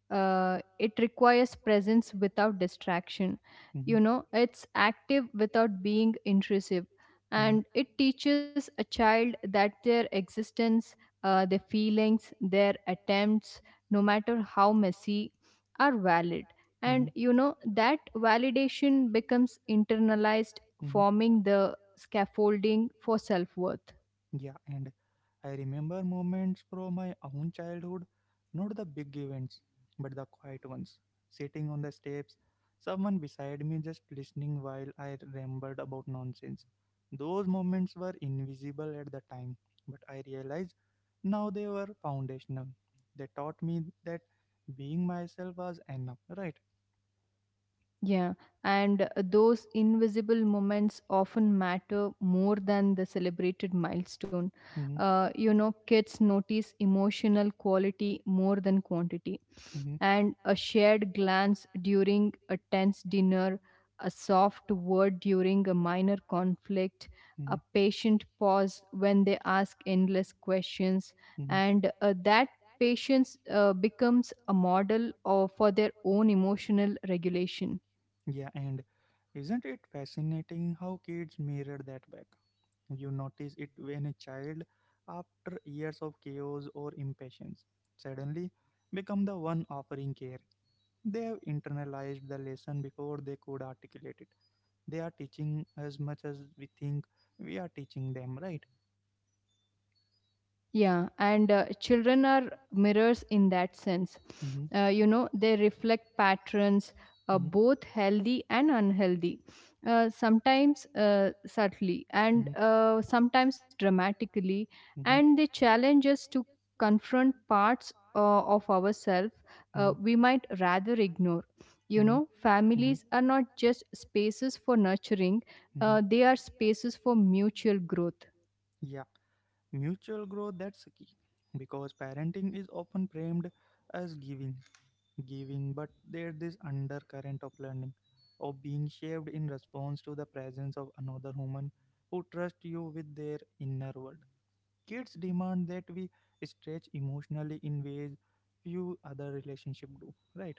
Speaker 2: it requires presence without distraction.
Speaker 1: Mm-hmm,
Speaker 2: You know, it's active without being intrusive, and it teaches a child that their existence, their feelings, their attempts, no matter how messy, are valid.
Speaker 1: mm-hmm,
Speaker 2: And
Speaker 1: mm-hmm.
Speaker 2: you know, that validation becomes internalized, forming the scaffolding for self-worth.
Speaker 1: Yeah, and I remember moments from my own childhood, not the big events, but the quiet ones. Sitting on the steps, someone beside me just listening while I rambled about nonsense. Those moments were invisible at the time, but I realized now they were foundational. They taught me that being myself was enough, right?
Speaker 2: Yeah, and those invisible moments often matter more than the celebrated milestone.
Speaker 1: Hmm.
Speaker 2: Kids notice emotional quality more than quantity. And a shared glance during a tense dinner, a soft word during a minor conflict, a
Speaker 1: Hmm.
Speaker 2: patient pause when they ask endless questions,
Speaker 1: Hmm.
Speaker 2: and that patience becomes a model for their own emotional regulation.
Speaker 1: Yeah, and isn't it fascinating how kids mirror that back? You notice it when a child, after years of chaos or impatience, suddenly become the one offering care. They have internalized the lesson before they could articulate it. They are teaching as much as we think we are teaching them, right?
Speaker 2: Yeah, and children are mirrors in that sense.
Speaker 1: Mm-hmm,
Speaker 2: You know, they reflect patterns,
Speaker 1: mm-hmm,
Speaker 2: both healthy and unhealthy, sometimes subtly and
Speaker 1: mm-hmm,
Speaker 2: sometimes dramatically,
Speaker 1: mm-hmm,
Speaker 2: and they challenge us to confront parts of ourselves
Speaker 1: mm-hmm,
Speaker 2: we might rather ignore. You
Speaker 1: mm-hmm,
Speaker 2: know,
Speaker 1: you know, mm-hmm.
Speaker 2: families are not just spaces for nurturing,
Speaker 1: Hmm.
Speaker 2: they are spaces for mutual growth.
Speaker 1: Yeah, mutual growth, that's a key because parenting is often framed as giving, giving, but there's this undercurrent of learning, of being shaped in response to the presence of another human who trusts you with their inner world. Kids demand that we stretch emotionally in ways few other relationships do, right?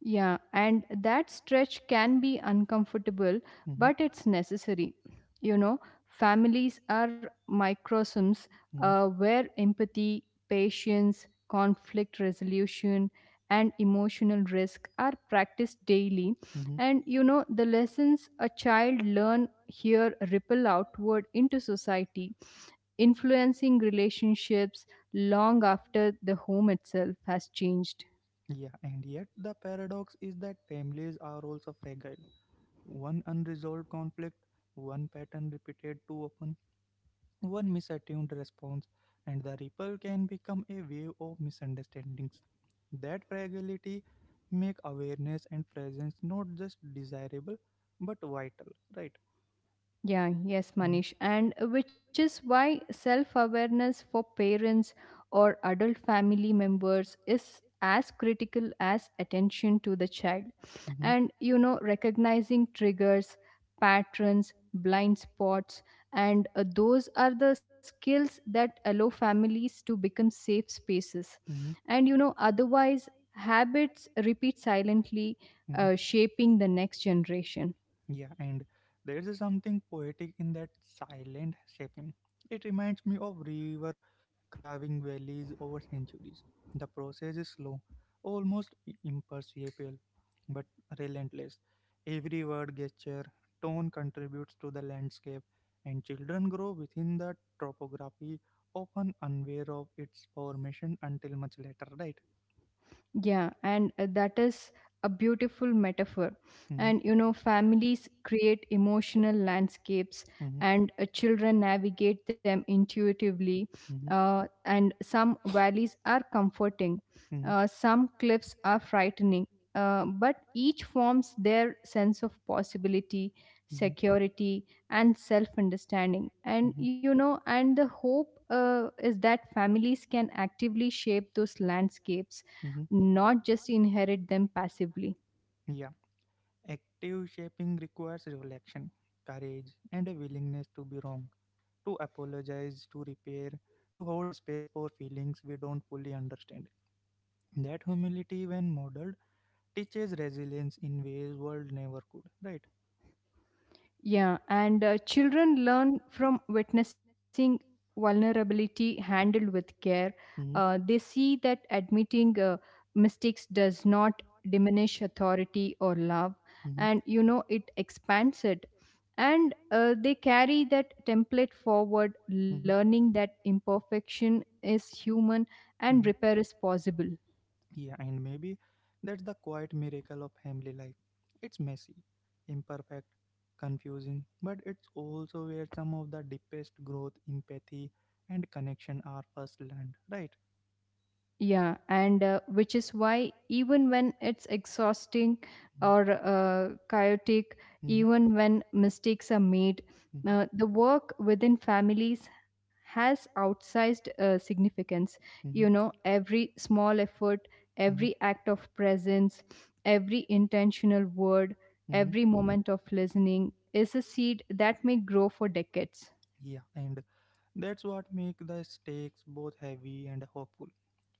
Speaker 2: Yeah, and that stretch can be uncomfortable,
Speaker 1: Hmm.
Speaker 2: but it's necessary. You know, families are microcosms
Speaker 1: Hmm.
Speaker 2: where empathy, patience, conflict resolution, and emotional risk are practiced daily.
Speaker 1: Hmm.
Speaker 2: And you know, the lessons a child learn here ripple outward into society, influencing relationships long after the home itself has changed.
Speaker 1: Yeah, and yet the paradox is that families are also fragile. One unresolved conflict, one pattern repeated too often, one misattuned response, and the ripple can become a wave of misunderstandings. That fragility make awareness and presence not just desirable but vital, right?
Speaker 2: Yeah, yes, Manish. And which is why self awareness for parents or adult family members is as critical as attention to the child.
Speaker 1: Mm-hmm.
Speaker 2: And you know, recognizing triggers, patterns, blind spots, and those are the skills that allow families to become safe spaces.
Speaker 1: Hmm.
Speaker 2: And you know, otherwise, habits repeat silently,
Speaker 1: Hmm.
Speaker 2: shaping the next generation.
Speaker 1: Yeah, and there's something poetic in that silent shaping. It reminds me of river carving valleys over centuries. The process is slow, almost imperceptible, but relentless. Every word, gesture, tone contributes to the landscape, and children grow within the topography, often unaware of its formation until much later, right?
Speaker 2: Yeah, and that is a beautiful metaphor.
Speaker 1: Hmm.
Speaker 2: And you know, families create emotional landscapes,
Speaker 1: Hmm.
Speaker 2: and children navigate them intuitively.
Speaker 1: Hmm.
Speaker 2: And some valleys are comforting,
Speaker 1: Hmm.
Speaker 2: some cliffs are frightening. But each forms their sense of possibility,
Speaker 1: Hmm.
Speaker 2: security, and self understanding. And
Speaker 1: Hmm.
Speaker 2: you know, and the hope uh, is that families can actively shape those landscapes,
Speaker 1: Hope.
Speaker 2: not just inherit them passively.
Speaker 1: Hmm. Active shaping requires reflection, courage, and a willingness to be wrong, to apologize, to repair, to hold space for feelings we don't fully understand. That humility, when modeled, teaches resilience in ways world never could. Right?
Speaker 2: Yeah, and children learn from witnessing vulnerability handled with care.
Speaker 1: Hmm.
Speaker 2: They see that admitting mistakes does not diminish authority or love,
Speaker 1: Hmm.
Speaker 2: and you know it expands it. And they carry that template forward,
Speaker 1: Hmm.
Speaker 2: learning that imperfection is human and
Speaker 1: Hmm.
Speaker 2: repair is possible.
Speaker 1: Yeah, and maybe that's the quiet miracle of family life. It's messy, imperfect, confusing, but it's also where some of the deepest growth, empathy, and connection are first learned. Right?
Speaker 2: Yeah, and which is why even when it's exhausting
Speaker 1: Mhm,
Speaker 2: or chaotic, even when mistakes are made,
Speaker 1: mhm,
Speaker 2: the work within families has outsized significance. You
Speaker 1: mhm,
Speaker 2: know, every small effort,
Speaker 1: mhm,
Speaker 2: every act of presence, every intentional word,
Speaker 1: mhm.
Speaker 2: every moment of listening is a seed that may grow for decades.
Speaker 1: Yeah, and that's what make the stakes both heavy and hopeful.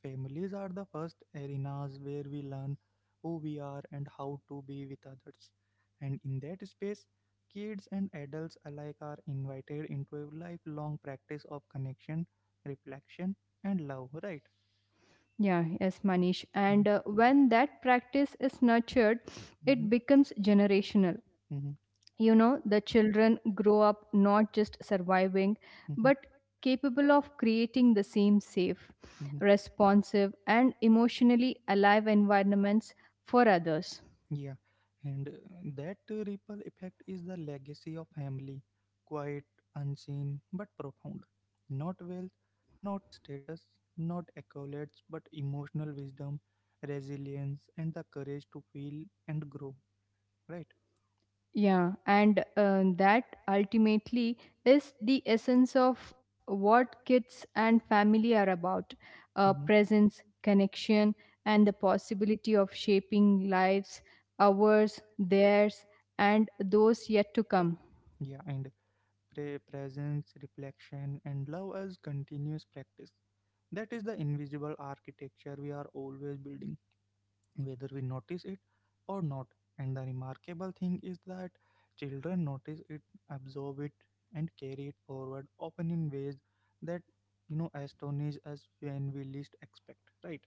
Speaker 1: Families are the first arenas where we learn who we are and how to be with others. And in that space, kids and adults alike are invited into a lifelong practice of connection, reflection, and love, right?
Speaker 2: Yeah, yes, Manish.
Speaker 1: Mhm,
Speaker 2: And when that practice is nurtured,
Speaker 1: mhm,
Speaker 2: it becomes generational.
Speaker 1: mhm,
Speaker 2: You know, the children grow up not just surviving,
Speaker 1: mhm,
Speaker 2: but capable of creating the same safe,
Speaker 1: mhm.
Speaker 2: responsive, and emotionally alive environments for others.
Speaker 1: Yeah, and that ripple effect is the legacy of family, quiet, unseen, but profound. Not wealth, not status, not accolades, but emotional wisdom, resilience, and the courage to feel and grow. Right?
Speaker 2: Yeah, and that ultimately is the essence of what kids and family are about,
Speaker 1: Hmm.
Speaker 2: presence, connection, and the possibility of shaping lives, ours, theirs, and those yet to come.
Speaker 1: Yeah, and presence, reflection, and love as continuous practice. That is the invisible architecture we are always building, whether we notice it or not. And the remarkable thing is that children notice it, absorb it, and carry it forward, often in ways that you know astonish us when we least expect. Right?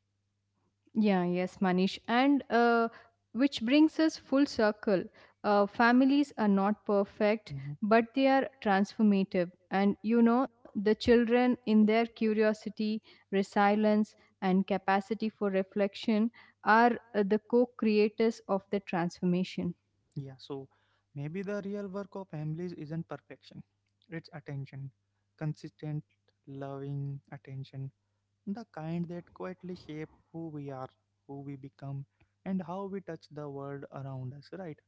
Speaker 2: Yeah, yes, Manish. And which brings us full circle. Families are not perfect,
Speaker 1: Hmm.
Speaker 2: but they are transformative. And you know, the children, in their curiosity, resilience, and capacity for reflection, are the co creators of the transformation.
Speaker 1: Yeah. So maybe the real work of families isn't perfection; it's attention, consistent, loving attention, the kind that quietly shape who we are, who we become, and how we touch the world around us. Right?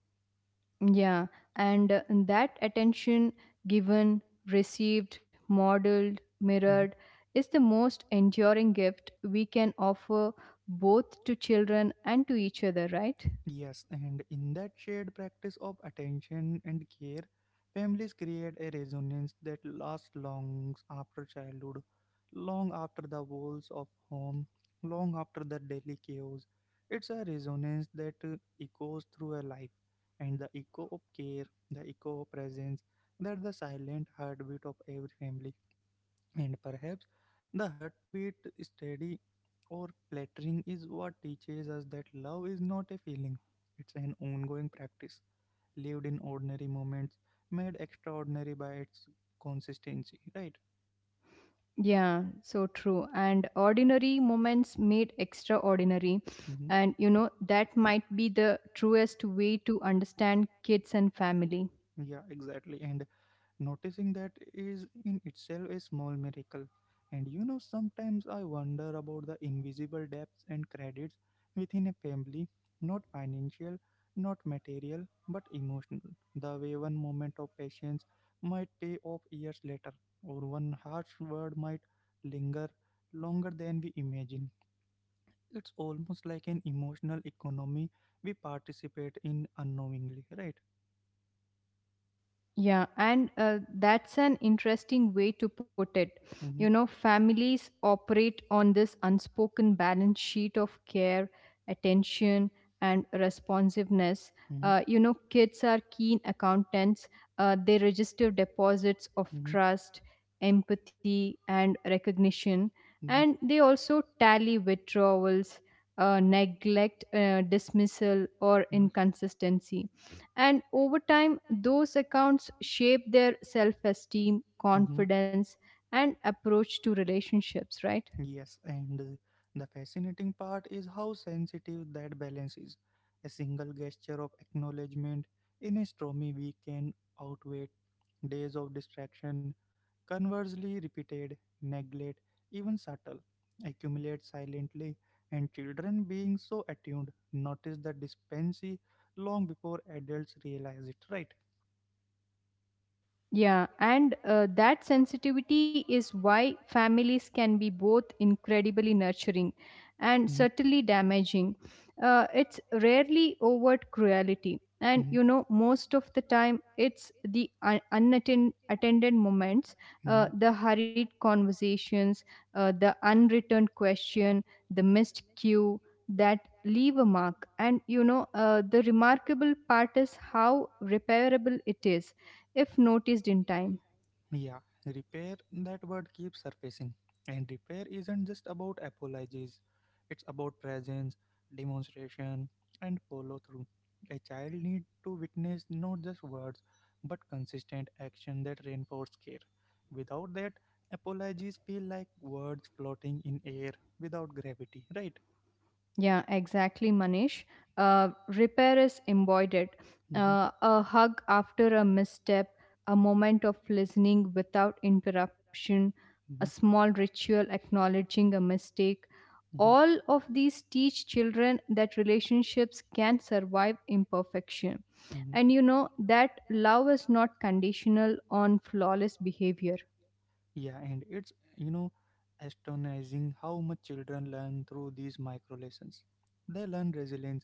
Speaker 2: Yeah, and that attention given, received, modeled, mirrored
Speaker 1: Mhm.
Speaker 2: is the most enduring gift we can offer both to children and to each other, right?
Speaker 1: Yes, and in that shared practice of attention and care, families create a resonance that lasts long after childhood, long after the walls of home, long after the daily chaos. It's a resonance that echoes through a life, and the echo of care, the echo of presence, that's the silent heartbeat of every family and perhaps the heartbeat steady or flattering is what teaches us that love is not a feeling, it's an ongoing practice lived in ordinary moments made extraordinary by its consistency, right?
Speaker 2: Yeah, so true. And ordinary moments made extraordinary.
Speaker 1: Hmm.
Speaker 2: And you know, that might be the truest way to understand kids and family.
Speaker 1: Yeah, exactly. And noticing that is in itself a small miracle. And you know, sometimes I wonder about the invisible debts and credits within a family, not financial, not material, but emotional. The way one moment of patience might pay off years later, or one harsh word might linger longer than we imagine. It's almost like an emotional economy we participate in unknowingly, right?
Speaker 2: Yeah, and that's an interesting way to put it. You
Speaker 1: Mm-hmm,
Speaker 2: know, families operate on this unspoken balance sheet of care, attention, and responsiveness.
Speaker 1: mm-hmm,
Speaker 2: You know, kids are keen accountants, they register deposits of
Speaker 1: mm-hmm.
Speaker 2: trust, empathy, and recognition, and they also tally withdrawals, neglect, dismissal, or
Speaker 1: Mhm.
Speaker 2: inconsistency, and over time, those accounts shape their self esteem,
Speaker 1: Mhm.
Speaker 2: confidence, and approach to relationships, right?
Speaker 1: Yes, and the fascinating part is how sensitive that balance is. A single gesture of acknowledgement in a stormy week can outweigh days of distraction. Conversely, repeated neglect, even subtle, accumulates silently, and children, being so attuned, notice the dispense long before adults realize it. Right?
Speaker 2: Yeah, and that sensitivity is why families can be both incredibly nurturing and
Speaker 1: Mm-hmm.
Speaker 2: certainly damaging. It's rarely overt cruelty, and
Speaker 1: and Mm-hmm.
Speaker 2: you know, most of the time, it's the un- unattended attended moments,
Speaker 1: it's
Speaker 2: the hurried conversations, the unreturned question, the missed cue that leave a mark. And you know the remarkable part is how repairable it is if noticed in time.
Speaker 1: Yeah, repair, that word keeps surfacing. And repair isn't just about apologies, it's about presence, demonstration, and follow through. A child needs to witness not just words, but consistent action that reinforces care. Without that, apologies feel like words floating in air without gravity, right?
Speaker 2: Yeah, exactly, Manish. Repair is embodied.
Speaker 1: Hmm.
Speaker 2: A hug after a misstep, a moment of listening without interruption, a
Speaker 1: Hmm.
Speaker 2: small ritual acknowledging a mistake. All of these teach children that relationships can survive imperfection.
Speaker 1: Hmm.
Speaker 2: And you know that love is not conditional on flawless behavior.
Speaker 1: Yeah, and it's, you know, astonishing how much children learn through these micro lessons. They learn resilience,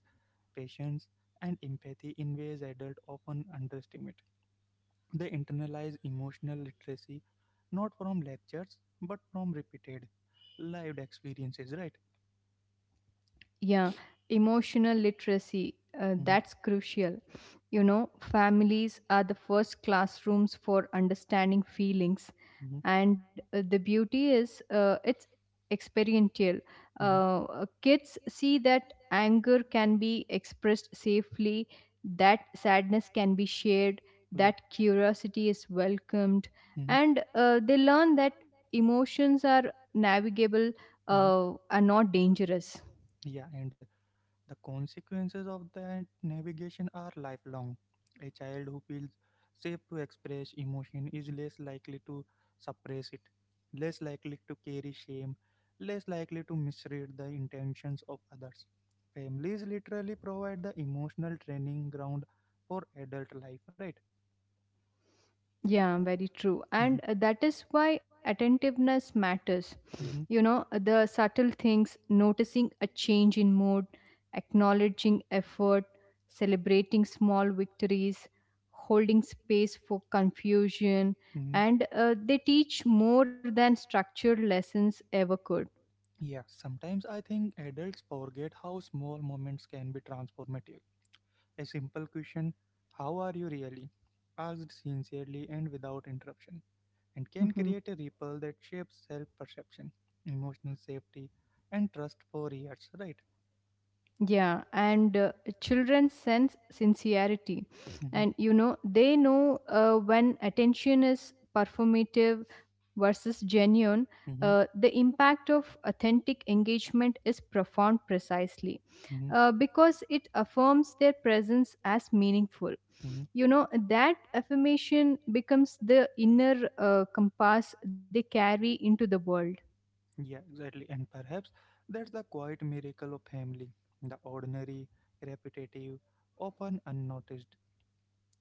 Speaker 1: patience, and empathy in ways adults often underestimate. They internalize emotional literacy not from lectures but from repeated lived experiences, right?
Speaker 2: Yeah, emotional literacy.
Speaker 1: Hmm.
Speaker 2: That's crucial. You know, families are the first classrooms for understanding feelings, and the beauty is, it's experiential.
Speaker 1: Hmm. Hmm.
Speaker 2: Kids see that anger can be expressed safely, that sadness can be shared,
Speaker 1: Yeah.
Speaker 2: that curiosity is welcomed,
Speaker 1: Mm-hmm,
Speaker 2: and they learn that emotions are navigable,
Speaker 1: mm-hmm.
Speaker 2: are not dangerous.
Speaker 1: Yeah, and the consequences of that navigation are lifelong. A child who feels safe to express emotion is less likely to suppress it, less likely to carry shame, less likely to misread the intentions of others. Families literally provide the emotional training ground for adult life, right?
Speaker 2: Yeah, very true. And
Speaker 1: Mhm. And
Speaker 2: that is why attentiveness matters. Mm.
Speaker 1: Mhm,
Speaker 2: You know, the subtle things: noticing a change in mood, acknowledging effort, celebrating small victories, holding space for confusion,
Speaker 1: mhm.
Speaker 2: and they teach more than structured lessons ever could.
Speaker 1: Yeah, sometimes I think adults forget how small moments can be transformative. A simple question, how are you really? Asked sincerely and without interruption, and can
Speaker 2: Mm-hmm.
Speaker 1: create a ripple that shapes self perception, emotional safety, and trust for years, right?
Speaker 2: Yeah, and children sense sincerity,
Speaker 1: Hmm.
Speaker 2: and you know they know when attention is performative versus genuine.
Speaker 1: Hmm.
Speaker 2: The impact of authentic engagement is profound precisely
Speaker 1: Hmm.
Speaker 2: because it affirms their presence as meaningful.
Speaker 1: Hmm.
Speaker 2: You know that affirmation becomes the inner compass they carry into the world.
Speaker 1: Yeah, exactly. And perhaps that's the quiet miracle of family, the ordinary, repetitive, often unnoticed,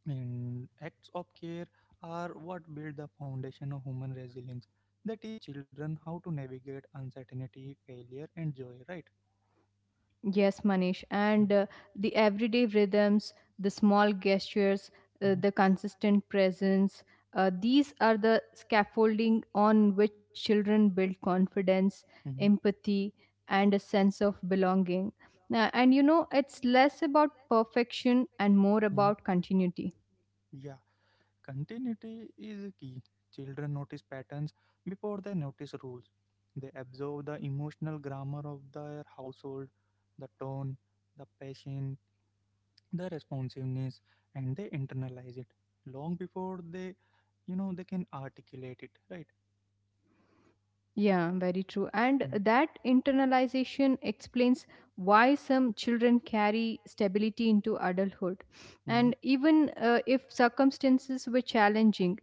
Speaker 1: and acts of care are what build the foundation of human resilience. They teach children how to navigate uncertainty, failure, and joy, right?
Speaker 2: Yes, Manish.
Speaker 1: Mhm.
Speaker 2: And the everyday rhythms, the small gestures,
Speaker 1: And
Speaker 2: the consistent presence, these are the scaffolding on which children build confidence,
Speaker 1: Mhm, mhm,
Speaker 2: empathy, and a sense of belonging. Now, and you know, it's less about perfection and more
Speaker 1: mhm.
Speaker 2: about continuity.
Speaker 1: Yeah, continuity is key. Children notice patterns before they notice rules. They absorb the emotional grammar of their household, the tone, the passion, the responsiveness, and they internalize it long before they, you know, they can articulate it, right?
Speaker 2: Yeah, very true. And
Speaker 1: Mm.
Speaker 2: that internalization explains why some children carry stability into adulthood,
Speaker 1: Mhm,
Speaker 2: and even if circumstances were challenging,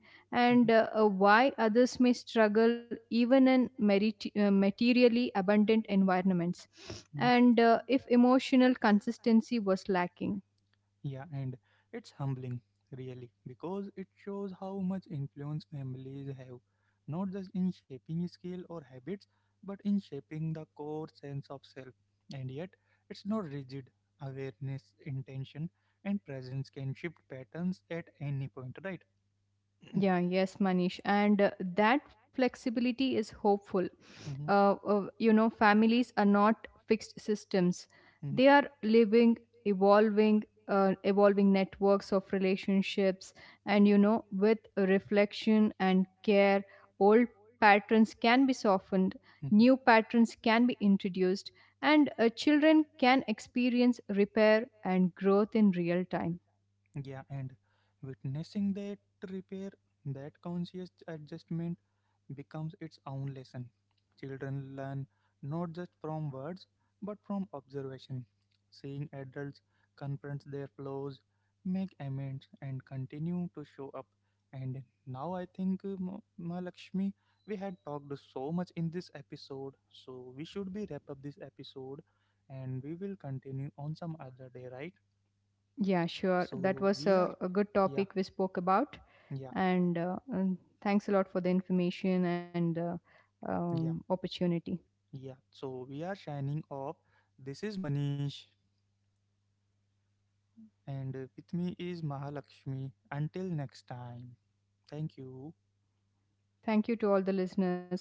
Speaker 1: mhm,
Speaker 2: and why others may struggle even in materially abundant environments,
Speaker 1: mhm.
Speaker 2: and if emotional consistency was lacking.
Speaker 1: Yeah, and it's humbling, really, because it shows how much influence families have, not just in shaping skill or habits, but in shaping the core sense of self. And yet, it's not rigid. Awareness, intention, and presence can shift patterns at any point, right?
Speaker 2: Yeah, yes, Manish. And that flexibility is hopeful.
Speaker 1: Hmm.
Speaker 2: You know, families are not fixed systems,
Speaker 1: Hmm.
Speaker 2: they are living, evolving, evolving networks of relationships. And, you know, with reflection and care, old patterns can be softened,
Speaker 1: Hmm.
Speaker 2: new patterns can be introduced, and children can experience repair and growth in real time.
Speaker 1: Yeah, and witnessing that repair, that conscious adjustment becomes its own lesson. Children learn not just from words but from observation. Seeing adults confront their flaws, make amends, and continue to show up. And now I think, Ma Lakshmi, we had talked so much in this episode, so we should be wrap up this episode, and we will continue on some other day, right?
Speaker 2: Yeah, sure. That
Speaker 1: So
Speaker 2: was
Speaker 1: we are,
Speaker 2: a good
Speaker 1: yeah,
Speaker 2: topic we spoke about.
Speaker 1: yeah,
Speaker 2: And thanks a lot for the information and
Speaker 1: yeah,
Speaker 2: opportunity.
Speaker 1: yeah. So we are shining off. This is Manish, and with me is Mahalakshmi. Until next time, thank you.
Speaker 2: Thank you to all the listeners.